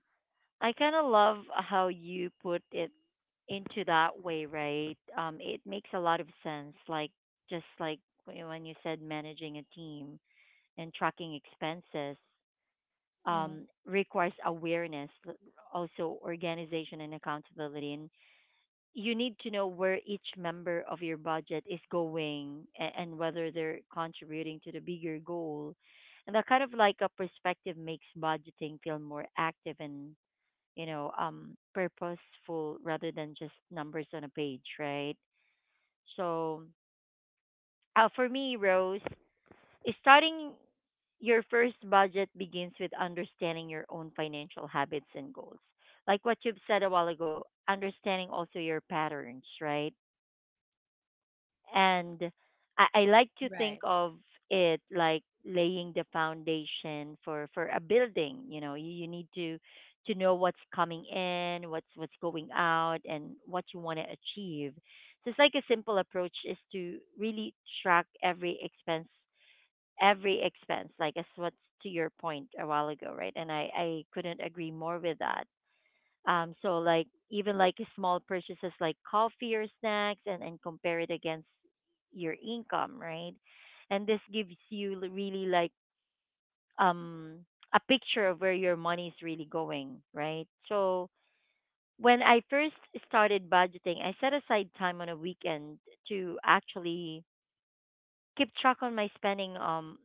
Speaker 1: I kind of love how you put it into that way, right? It makes a lot of sense. Like, just like when you said managing a team and tracking expenses,
Speaker 2: Mhm.
Speaker 1: requires awareness, also organization and accountability. And you need to know where each member of your budget is going, and whether they're contributing to the bigger goal. And that kind of like a perspective makes budgeting feel more active and, purposeful rather than just numbers on a page, right? So, for me, Rose, is starting your first budget begins with understanding your own financial habits and goals. Like what you've said a while ago, understanding also your patterns, right? And I like to think
Speaker 2: Right.
Speaker 1: of it like laying the foundation for a building. You need to know what's coming in, what's going out, and what you want to achieve. So it's like, a simple approach is to really track every expense every expense, like, as what's to your point a while ago, right? And I couldn't agree more with that. So like, even like small purchases like coffee or snacks, and compare it against your income, right? And this gives you really like, um a picture of where your money is really going, right? So when I first started budgeting, I set aside time on a weekend to actually keep track on my spending,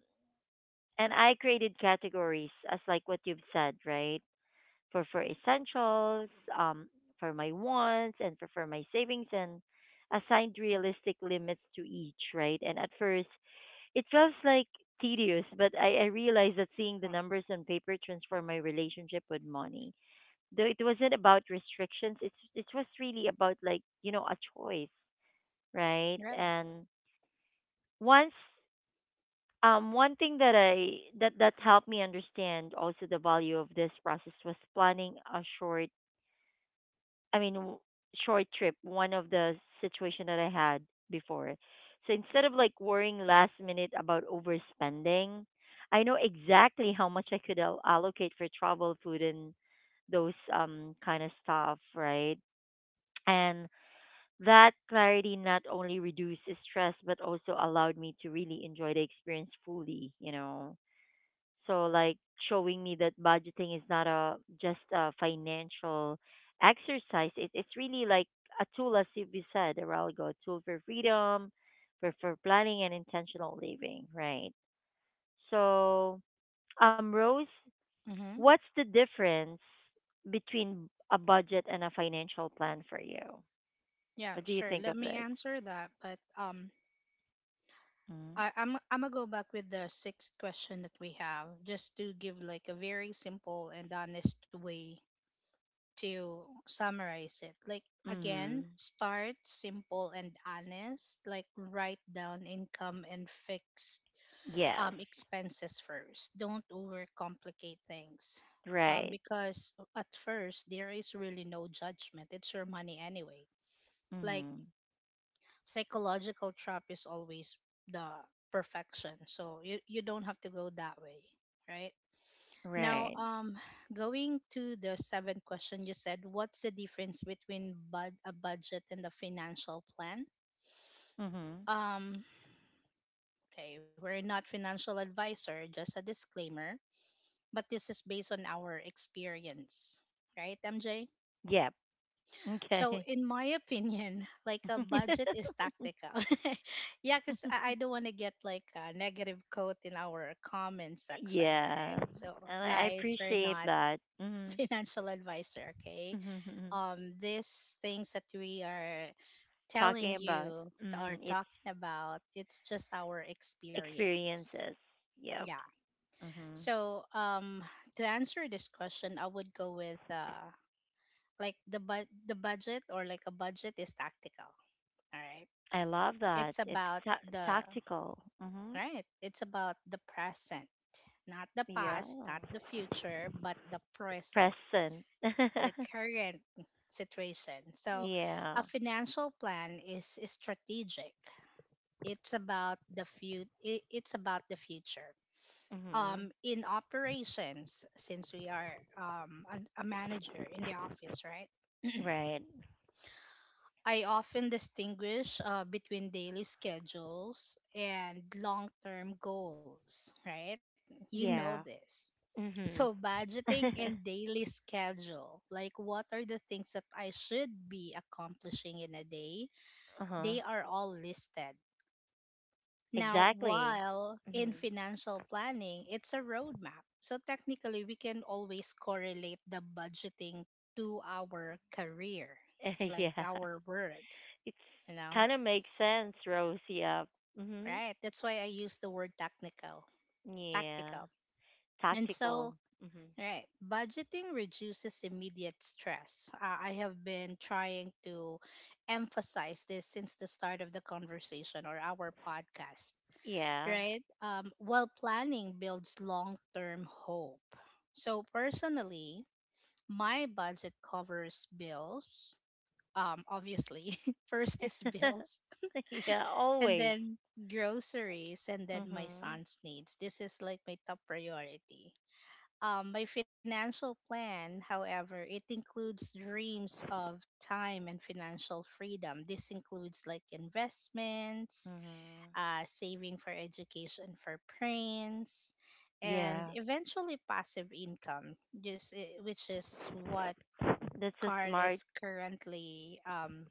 Speaker 1: and I created categories, as like what you've said, right? For essentials, um, for my wants, and for my savings, and assigned realistic limits to each. Right, and at first it feels like tedious, but I realized that seeing the
Speaker 2: Right.
Speaker 1: numbers on paper transformed my relationship with money. Though it wasn't about restrictions, it was really about, like, a choice, right?
Speaker 2: Right.
Speaker 1: And once, one thing that I that that helped me understand also the value of this process was planning a short, I mean, short trip, one of the situation that I had before. So instead of like worrying last minute about overspending, I know exactly how much I could allocate for travel, food, and those, kind of stuff, right? And that clarity not only reduced stress but also allowed me to really enjoy the experience fully. So like, showing me that budgeting is not a just a financial exercise. It's really like a tool, as you we said a while ago, a tool for freedom, for planning and intentional living, right? So, Rose,
Speaker 2: Mm-hmm.
Speaker 1: what's the difference between a budget and a financial plan for you?
Speaker 2: Yeah,
Speaker 1: What do you
Speaker 2: sure.
Speaker 1: think
Speaker 2: Let
Speaker 1: of
Speaker 2: me
Speaker 1: this?
Speaker 2: answer that. But
Speaker 1: Mm-hmm.
Speaker 2: I'm gonna go back with the sixth question that we have, just to give like a very simple and honest way to summarize it. Like again,
Speaker 1: Mm-hmm.
Speaker 2: start simple and honest. Like write down income and fixed
Speaker 1: Yes.
Speaker 2: expenses first. Don't overcomplicate things.
Speaker 1: Right.
Speaker 2: Because at first, there is really no judgment. It's your money anyway. Like,
Speaker 1: Mm-hmm.
Speaker 2: psychological trap is always the perfection. So you don't have to go that way, right? Now,
Speaker 1: Right.
Speaker 2: going to the seventh question, you said, what's the difference between a budget and a financial plan?
Speaker 1: Mm-hmm.
Speaker 2: Um, okay, we're not financial advisor, just a disclaimer, but this is based on our experience, right, MJ?
Speaker 1: Yep.
Speaker 2: So,
Speaker 1: Okay.
Speaker 2: in my opinion, like a budget is tactical. Yeah, because I don't want to get like a negative quote in our comment section,
Speaker 1: Yeah,
Speaker 2: right? So,
Speaker 1: and I
Speaker 2: guys, we're
Speaker 1: appreciate
Speaker 2: not
Speaker 1: that. Hmm.
Speaker 2: financial advisor, okay? These things that we are telling
Speaker 1: Talking about,
Speaker 2: you or
Speaker 1: its
Speaker 2: talking about, it's just our experience.
Speaker 1: experiences. Yep.
Speaker 2: Yeah.
Speaker 1: Hmm.
Speaker 2: So, to answer this question, I would go with like the budget or like a budget is tactical, all right.
Speaker 1: I love that.
Speaker 2: it's
Speaker 1: It's
Speaker 2: about the
Speaker 1: tactical. Hmm.
Speaker 2: Right, it's about the present, not the
Speaker 1: Yeah.
Speaker 2: past, not the future, but the present,
Speaker 1: Present.
Speaker 2: the current situation. So
Speaker 1: Yeah.
Speaker 2: a financial plan is strategic. It's about the future.
Speaker 1: Hmm.
Speaker 2: In operations, since we are a manager in the office, right?
Speaker 1: Right.
Speaker 2: I often distinguish between daily schedules and long term goals, right? You know
Speaker 1: Yeah.
Speaker 2: this. So,
Speaker 1: Hmm.
Speaker 2: budgeting
Speaker 1: Uh
Speaker 2: and daily schedule, like, what are the things that I should be accomplishing in a day?
Speaker 1: huh.
Speaker 2: They are all listed. Now,
Speaker 1: Exactly.
Speaker 2: while in
Speaker 1: Hmm.
Speaker 2: financial planning, it's a roadmap. So, technically, we can always correlate the budgeting to our career, like
Speaker 1: Yeah.
Speaker 2: our work,
Speaker 1: It's
Speaker 2: you know?
Speaker 1: kind of makes sense, Rose. Yeah. Mhm.
Speaker 2: Right. That's why I use the word technical,
Speaker 1: Yeah.
Speaker 2: tactical. And
Speaker 1: Tactical.
Speaker 2: so,
Speaker 1: Mhm.
Speaker 2: right, budgeting reduces immediate stress. I have been trying to emphasize this since the start of the conversation or our podcast,
Speaker 1: Yeah.
Speaker 2: right? While planning builds long term hope. So, personally, my budget covers bills. Obviously, first is bills,
Speaker 1: Yeah.
Speaker 2: and
Speaker 1: Always.
Speaker 2: then groceries, and then my
Speaker 1: Mhm.
Speaker 2: son's needs. This is like my top priority. My financial plan, however, it includes dreams of time and financial freedom. This includes like investments,
Speaker 1: Mhm.
Speaker 2: saving for education for parents, and
Speaker 1: Yeah.
Speaker 2: eventually passive income, which is what
Speaker 1: That's a
Speaker 2: Carl
Speaker 1: smart
Speaker 2: is currently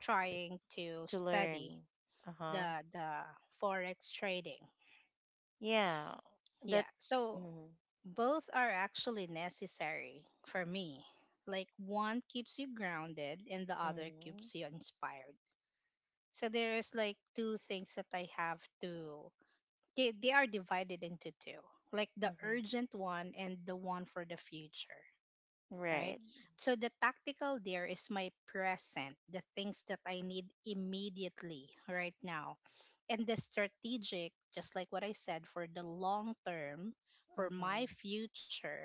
Speaker 2: trying to
Speaker 1: to learn.
Speaker 2: study
Speaker 1: Uh huh.
Speaker 2: the forex trading.
Speaker 1: Yeah. That.
Speaker 2: Yeah. So
Speaker 1: Mhm.
Speaker 2: both are actually necessary for me. Like one keeps you grounded and the other
Speaker 1: Mhm.
Speaker 2: keeps you inspired. So there's like two things that I have to they are divided into two. Like the
Speaker 1: Mhm.
Speaker 2: urgent one and the one for the future. Right?
Speaker 1: Right.
Speaker 2: So the tactical there is my present, the things that I need immediately right now. And the strategic, just like what I said, for the long term, for my
Speaker 1: Mhm.
Speaker 2: future,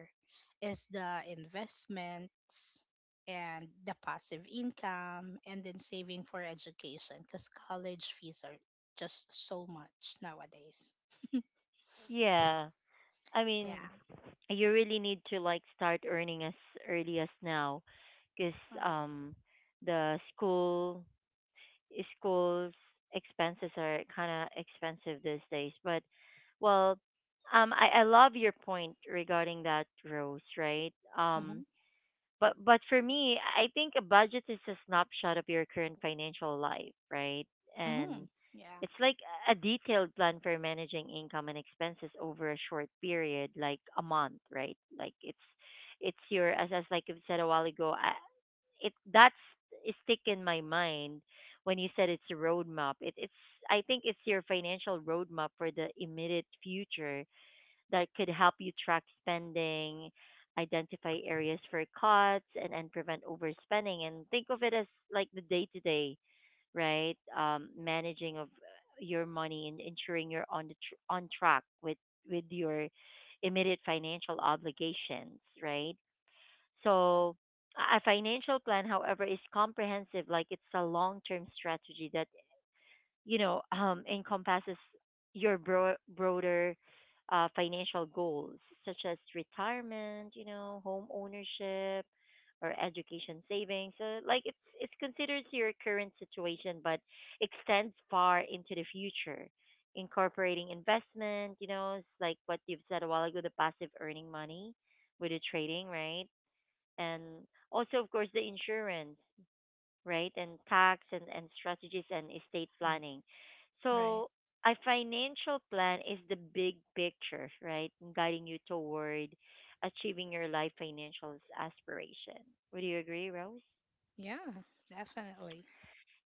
Speaker 2: is the investments and the passive income, and then saving for education, because college fees are just so much nowadays.
Speaker 1: Yeah. I mean,
Speaker 2: Yeah.
Speaker 1: you really need to like start earning as early as now because um the schools expenses are kind of expensive these days but well I love your point regarding that rose, right.
Speaker 2: Mm-hmm.
Speaker 1: But for me, I think a budget is a snapshot of your current financial life, right?
Speaker 2: Mm-hmm.
Speaker 1: And
Speaker 2: Yeah.
Speaker 1: it's like a detailed plan for managing income and expenses over a short period, like a month, right? Like it's your, as like you said a while ago, I, it that's it stick in my mind when you said it's a roadmap. It it's I think it's your financial roadmap for the immediate future that could help you track spending, identify areas for cuts, and prevent overspending. And think of it as like the day to day, right? Managing of your money and ensuring you're on the on track with your immediate financial obligations, right? So a financial plan, however, is comprehensive. Like it's a long term strategy that encompasses your broader financial goals such as retirement, you know, home ownership, or education savings. So like it's considered to your current situation, but extends far into the future, incorporating investment. You know, it's like what you've said a while ago, the passive earning money with the trading, right? And also, of course, the insurance, right? And tax and, strategies and estate
Speaker 2: Mm.
Speaker 1: planning.
Speaker 2: Right.
Speaker 1: So a financial plan is the big picture, right? And guiding you toward achieving your life financial aspiration. Would you agree, Rose?
Speaker 2: Yeah, definitely.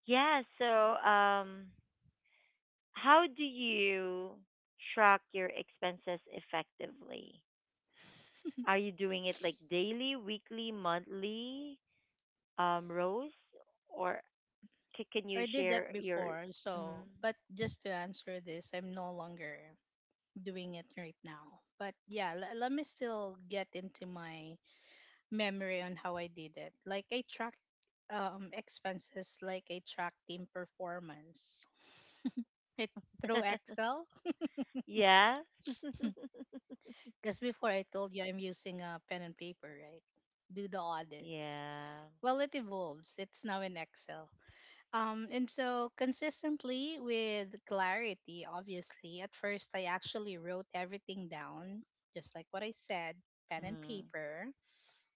Speaker 1: Yeah, so um how do you track your expenses effectively? Are you doing it like daily, weekly, monthly, Rose? Or can you
Speaker 2: I did that
Speaker 1: share your
Speaker 2: before,
Speaker 1: mm
Speaker 2: so but just to answer this, I'm no longer doing it right now. But yeah, let me still get into my memory on how I did it. Like I track expenses, like I track team performance. It Through Excel,
Speaker 1: Yeah.
Speaker 2: because before I told you I'm using a pen and paper, right? Do the audits.
Speaker 1: yeah.
Speaker 2: Well, it evolves. It's now in Excel. And so consistently with clarity, obviously, at first I actually wrote everything down, just like what I said, pen and
Speaker 1: Mm.
Speaker 2: paper.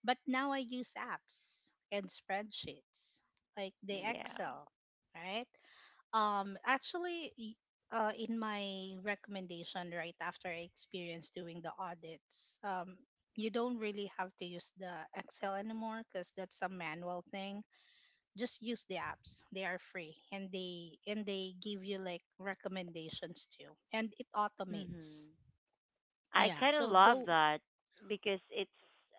Speaker 2: But now I use apps and spreadsheets, like the
Speaker 1: Yeah.
Speaker 2: Excel, right? Actually, in my recommendation right after I experienced doing the audits, you don't really have to use the Excel anymore because that's a manual thing. Just use the apps. They are free, and they give you like recommendations too, and it
Speaker 1: hmm
Speaker 2: automates.
Speaker 1: I
Speaker 2: Yeah.
Speaker 1: kind of
Speaker 2: So
Speaker 1: love
Speaker 2: go
Speaker 1: that because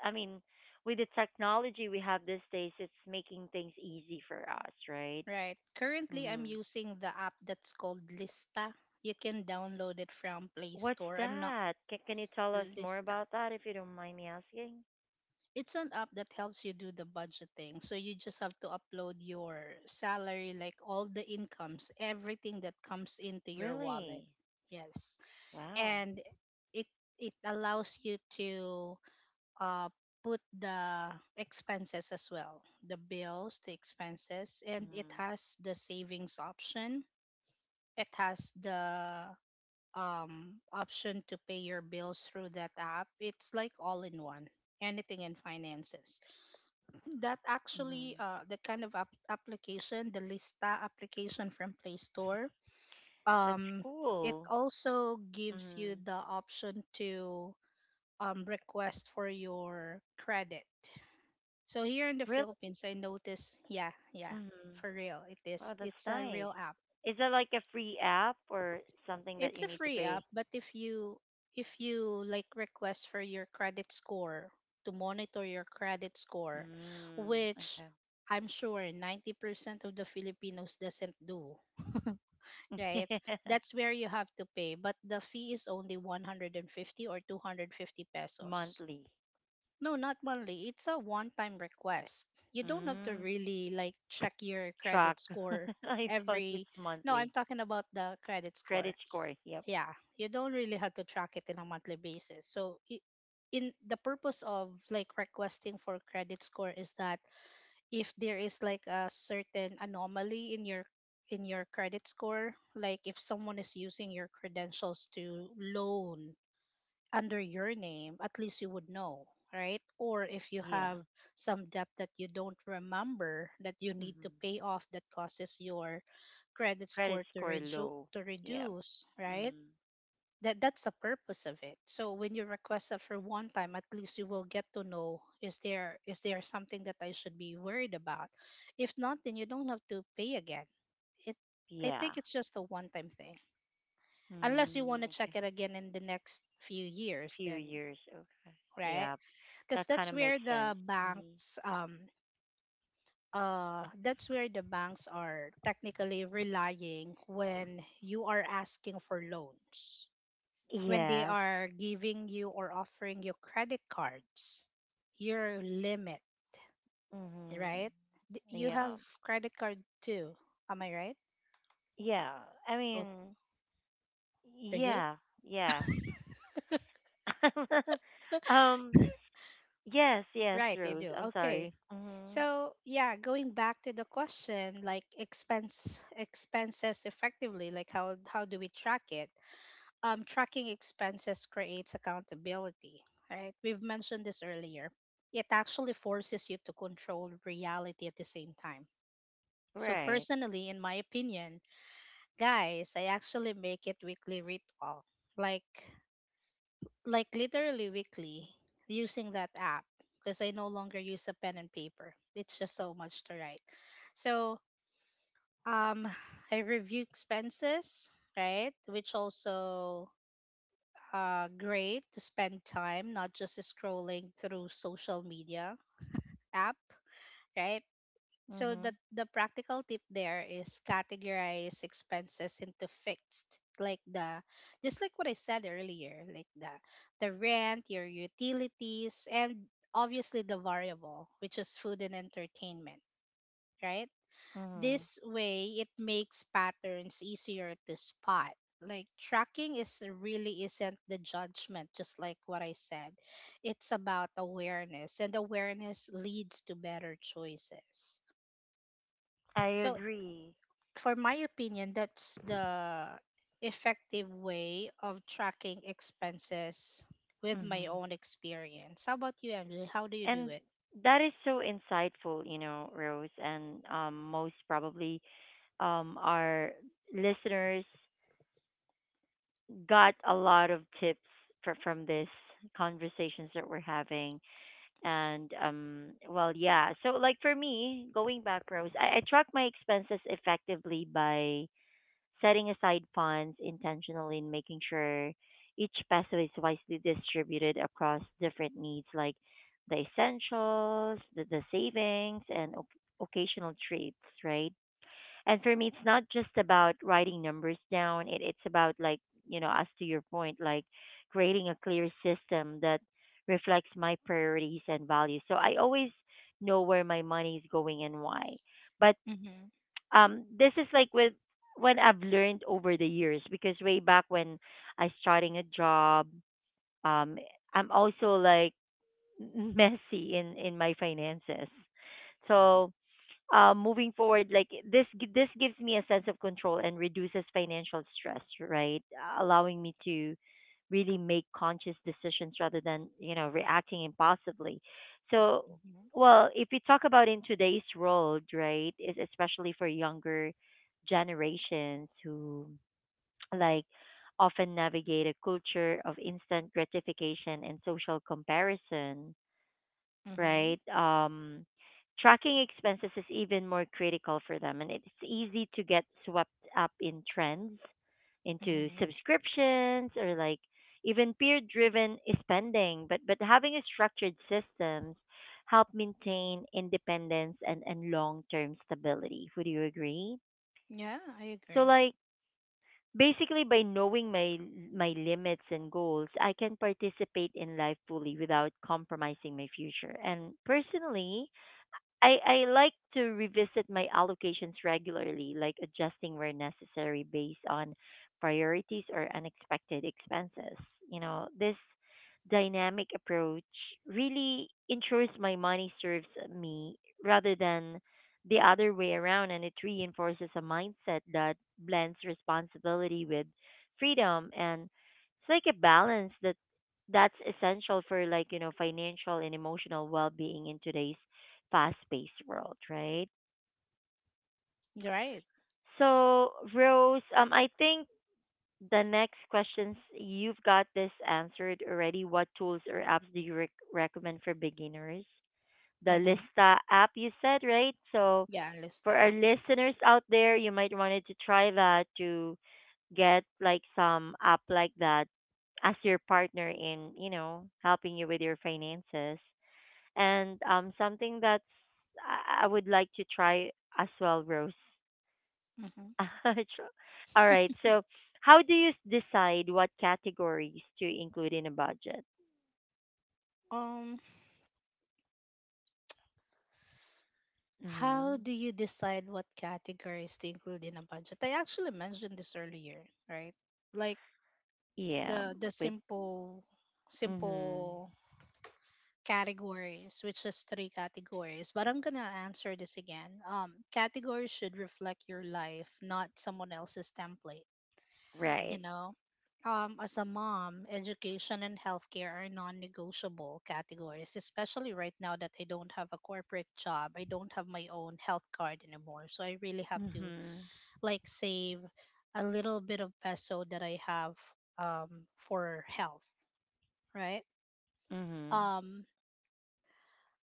Speaker 1: I mean, with the technology we have these days, it's making things easy for us, right?
Speaker 2: right, currently I'm
Speaker 1: hmm
Speaker 2: using the app that's called Lista. You can download it from Play
Speaker 1: What's
Speaker 2: Store. I'm not
Speaker 1: that? Can you tell us more
Speaker 2: Lista,
Speaker 1: about that if you don't mind me asking?
Speaker 2: it's an app that helps you do the budgeting, so you just have to upload your salary, like all the incomes, everything that comes into your wallet.
Speaker 1: Really?
Speaker 2: Yes.
Speaker 1: Wow.
Speaker 2: And it it allows you to uh, put the expenses as well, the bills, the expenses, and it has the savings option. It has the option to pay your bills through that app. It's like all in one, anything in finances. That actually
Speaker 1: Mm-hmm.
Speaker 2: the kind of app- application, the Lista application from Play Store.
Speaker 1: That's
Speaker 2: Um, it
Speaker 1: cool.
Speaker 2: also gives you
Speaker 1: Mm-hmm.
Speaker 2: the option to request for your credit. So here in the
Speaker 1: Really?
Speaker 2: Philippines, I noticed, yeah, yeah,
Speaker 1: Mm-hmm.
Speaker 2: for real, it is.
Speaker 1: Wow, that's
Speaker 2: It's a
Speaker 1: nice.
Speaker 2: real app.
Speaker 1: Is that like a free app or something that
Speaker 2: It's
Speaker 1: you
Speaker 2: a
Speaker 1: need to
Speaker 2: free app,
Speaker 1: pay?
Speaker 2: but if you like request for your credit score to monitor your credit score,
Speaker 1: Mm,
Speaker 2: which
Speaker 1: okay.
Speaker 2: I'm sure 90% of the Filipinos doesn't do, right? That's where you have to pay, but the fee is only 150 or 250 pesos.
Speaker 1: Monthly.
Speaker 2: No, not monthly. It's a one-time request. You don't have to
Speaker 1: Mm,
Speaker 2: really like check your
Speaker 1: track.
Speaker 2: credit score
Speaker 1: I thought it's
Speaker 2: every. No, I'm
Speaker 1: monthly.
Speaker 2: talking about the credit score.
Speaker 1: Credit score. Yep.
Speaker 2: Yeah, you don't really have to track it in a monthly basis. So, in the purpose of like requesting for credit score is that if there is like a certain anomaly in your credit score, like if someone is using your credentials to loan under your name, at least you would know, right? Or if you
Speaker 1: Yeah.
Speaker 2: have some debt that you don't remember that you need to
Speaker 1: hmm
Speaker 2: pay off that causes your credit
Speaker 1: Credit
Speaker 2: score to
Speaker 1: score low. Yep.
Speaker 2: reduce, right?
Speaker 1: Mm,
Speaker 2: That's the purpose of it. So when you request that for one time, at least you will get to know, is there, is there something that I should be worried about? If not, then you don't have to pay again. It I
Speaker 1: yeah.
Speaker 2: think it's just a one time thing. Unless you
Speaker 1: Mm,
Speaker 2: want to check
Speaker 1: okay.
Speaker 2: it again in the next few years,
Speaker 1: Few
Speaker 2: then
Speaker 1: years. Okay.
Speaker 2: right?
Speaker 1: Yeah.
Speaker 2: Because
Speaker 1: That kind
Speaker 2: that's
Speaker 1: of
Speaker 2: where
Speaker 1: makes sense.
Speaker 2: the
Speaker 1: Hmm
Speaker 2: banks that's where the banks are technically relying when you are asking for loans, when they
Speaker 1: Yes.
Speaker 2: are giving you or offering you credit cards, your limit,
Speaker 1: hmm
Speaker 2: right? You
Speaker 1: Yeah.
Speaker 2: have credit card too, am I right?
Speaker 1: Yeah. I
Speaker 2: Oh,
Speaker 1: mean,
Speaker 2: do you?
Speaker 1: yeah, yeah. um, yes, yes,
Speaker 2: Right, you
Speaker 1: Rose.
Speaker 2: do.
Speaker 1: I'm
Speaker 2: Okay.
Speaker 1: sorry. Mhm.
Speaker 2: So yeah, going back to the question, like expenses effectively, like how do we track it? Um, tracking expenses creates accountability, right? We've mentioned this earlier. It actually forces you to control reality at the same time. So,
Speaker 1: Right.
Speaker 2: personally, in my opinion, guys, I actually make it weekly ritual, like literally weekly, using that app, because I no longer use a pen and paper. It's just so much to write. So, um, I review expenses, right? Which also great to spend time not just scrolling through social media app, right? So the
Speaker 1: Mhm.
Speaker 2: practical tip there is categorize expenses into fixed, like the, just like what I said earlier, like the rent, your utilities, and obviously the variable, which is food and entertainment, right?
Speaker 1: Mhm.
Speaker 2: This way, it makes patterns easier to spot. Like tracking is really isn't the judgment, just like what I said. It's about awareness, and awareness leads to better choices.
Speaker 1: I
Speaker 2: So,
Speaker 1: agree.
Speaker 2: for my opinion, that's the effective way of tracking expenses with my
Speaker 1: Mhm.
Speaker 2: own experience. How about you, MJ? How do you do
Speaker 1: And
Speaker 2: it?
Speaker 1: that is so insightful, you know, Rose, and most probably our listeners got a lot of tips from this conversations that we're having. And well, yeah, so like for me, going back pros, I track my expenses effectively by setting aside funds intentionally and making sure each peso is wisely distributed across different needs like the essentials, the savings and oc occasional treats, right? And for me, it's not just about writing numbers down. It's about like, you know, as to your point, like creating a clear system that reflects my priorities and values. So I always know where my money is going and why. But
Speaker 2: Mm-hmm.
Speaker 1: this is like with when I've learned over the years, because way back when I starting a job, um, I'm also like messy in my finances. So moving forward, like this, this gives me a sense of control and reduces financial stress, right? Allowing me to really make conscious decisions rather than, you know, reacting impulsively. So,
Speaker 2: Mm-hmm.
Speaker 1: well, if we talk about in today's world, right, is especially for younger generations who like often navigate a culture of instant gratification and social comparison,
Speaker 2: Mm-hmm.
Speaker 1: right? Tracking expenses is even more critical for them, and it's easy to get swept up in trends, into
Speaker 2: Mm-hmm.
Speaker 1: subscriptions or like even peer-driven spending. But having a structured systems help maintain independence and long-term stability. Would you agree?
Speaker 2: Yeah, I
Speaker 1: So
Speaker 2: agree.
Speaker 1: like basically, by knowing my limits and goals, I can participate in life fully without compromising my future. And personally, I like to revisit my allocations regularly, like adjusting where necessary based on priorities or unexpected expenses. You know, this dynamic approach really ensures my money serves me rather than the other way around, and it reinforces a mindset that blends responsibility with freedom. And it's like a balance that that's essential for like, you know, financial and emotional well-being in today's fast-paced world, right?
Speaker 2: You're right.
Speaker 1: So, Rose, I think the next questions you've got this answered already. What tools or apps do you recommend for beginners? The
Speaker 2: Mm-hmm.
Speaker 1: Lista app, you said, right? So,
Speaker 2: Yeah, I list
Speaker 1: for our
Speaker 2: out.
Speaker 1: listeners out there, you might wanted to try that to get like some app like that as your partner in, you know, helping you with your finances. And something that's I would like to try as well, Rose.
Speaker 2: Hmm.
Speaker 1: Tr- All right. So, how do you decide what categories to include in a budget?
Speaker 2: Um, how
Speaker 1: Mm-hmm.
Speaker 2: do you decide what categories to include in a budget? I actually mentioned this earlier, right? Like
Speaker 1: Yeah.
Speaker 2: the
Speaker 1: With. Mm-hmm.
Speaker 2: simple categories, which is three categories. But I'm gonna answer this again. Categories should reflect your life, not someone else's template. You
Speaker 1: Right.
Speaker 2: know. As a mom, education and healthcare are non negotiable categories, especially right now that I don't have a corporate job. I don't have my own health card anymore. So I really have to
Speaker 1: Mm-hmm.
Speaker 2: like save a little bit of peso that I have um, for health, right?
Speaker 1: Mm-hmm.
Speaker 2: Um,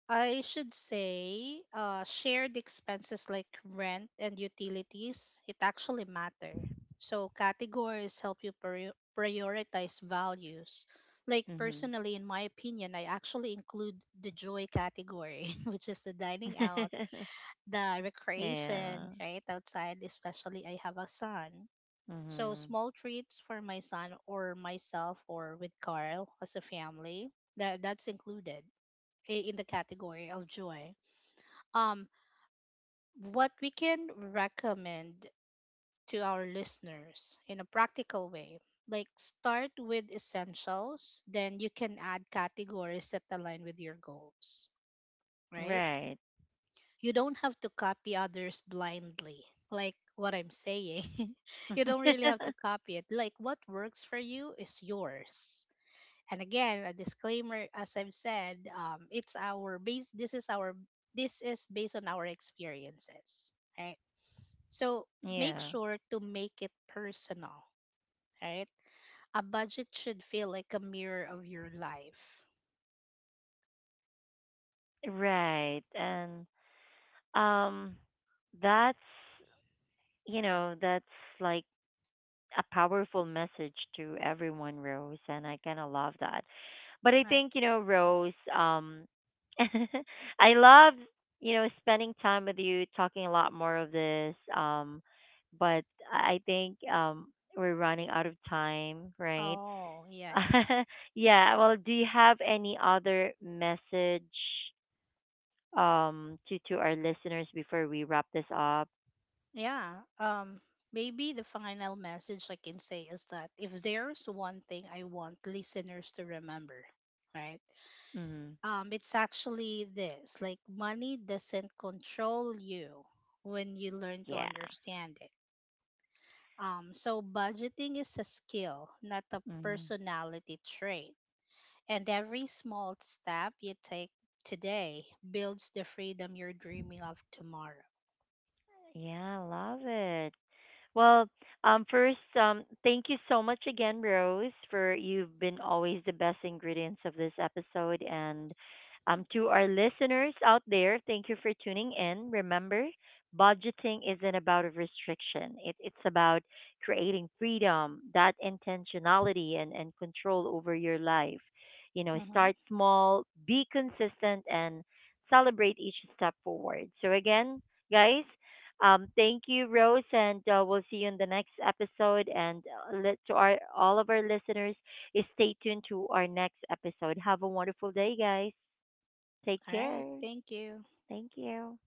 Speaker 2: I should say shared expenses like rent and utilities, it actually matter. So categories help you prioritize values. Like personally, in my opinion, I actually include the joy category, which is the dining out,
Speaker 1: Mm-hmm.
Speaker 2: the
Speaker 1: yeah.
Speaker 2: recreation, right outside. Especially, I have a son, so
Speaker 1: Mm-hmm.
Speaker 2: small treats for my son or myself or with Carl as a family, that's included in the category of joy. Um, what we can recommend to our listeners in a practical way. Like start with essentials, then you can add categories that align with your goals, right?
Speaker 1: Right.
Speaker 2: You don't have to copy others blindly, like what I'm saying. You don't really have to copy it. Like what works for you is yours. And again, a disclaimer, as I've said, it's our base. This is based on our experiences, right? So make
Speaker 1: yeah.
Speaker 2: sure to make it personal, right? A budget should feel like a mirror of your life.
Speaker 1: Right. And um, that's, you know, that's like a powerful message to everyone, Rose, and I kind of love that. But I
Speaker 2: Right.
Speaker 1: think, you know, Rose, I love, you know, spending time with you, talking a lot more of this. But I think we're running out of time, right?
Speaker 2: Oh, yeah, yeah, yeah.
Speaker 1: yeah. Well, do you have any other message to our listeners before we wrap this up?
Speaker 2: Yeah. Um Maybe the final message I can say is that if there's one thing I want listeners to remember, right?
Speaker 1: Hmm
Speaker 2: It's actually this, like money doesn't control you when you learn to
Speaker 1: Yeah.
Speaker 2: understand it. So budgeting is a skill, not a
Speaker 1: hmm
Speaker 2: personality trait. And every small step you take today builds the freedom you're dreaming of tomorrow.
Speaker 1: Yeah, I love it. Well, first, thank you so much again, Rose, for you've been always the best ingredients of this episode. And to our listeners out there, thank you for tuning in. Remember, budgeting isn't about a restriction, it's about creating freedom, that intentionality, and control over your life. You know,
Speaker 2: Mhm.
Speaker 1: start small, be consistent, and celebrate each step forward. So, again, guys, thank you, Rose, and we'll see you in the next episode. And let to our all of our listeners, is stay tuned to our next episode. Have a wonderful day, guys. Take
Speaker 2: All right.
Speaker 1: care.
Speaker 2: Thank you.
Speaker 1: Thank you.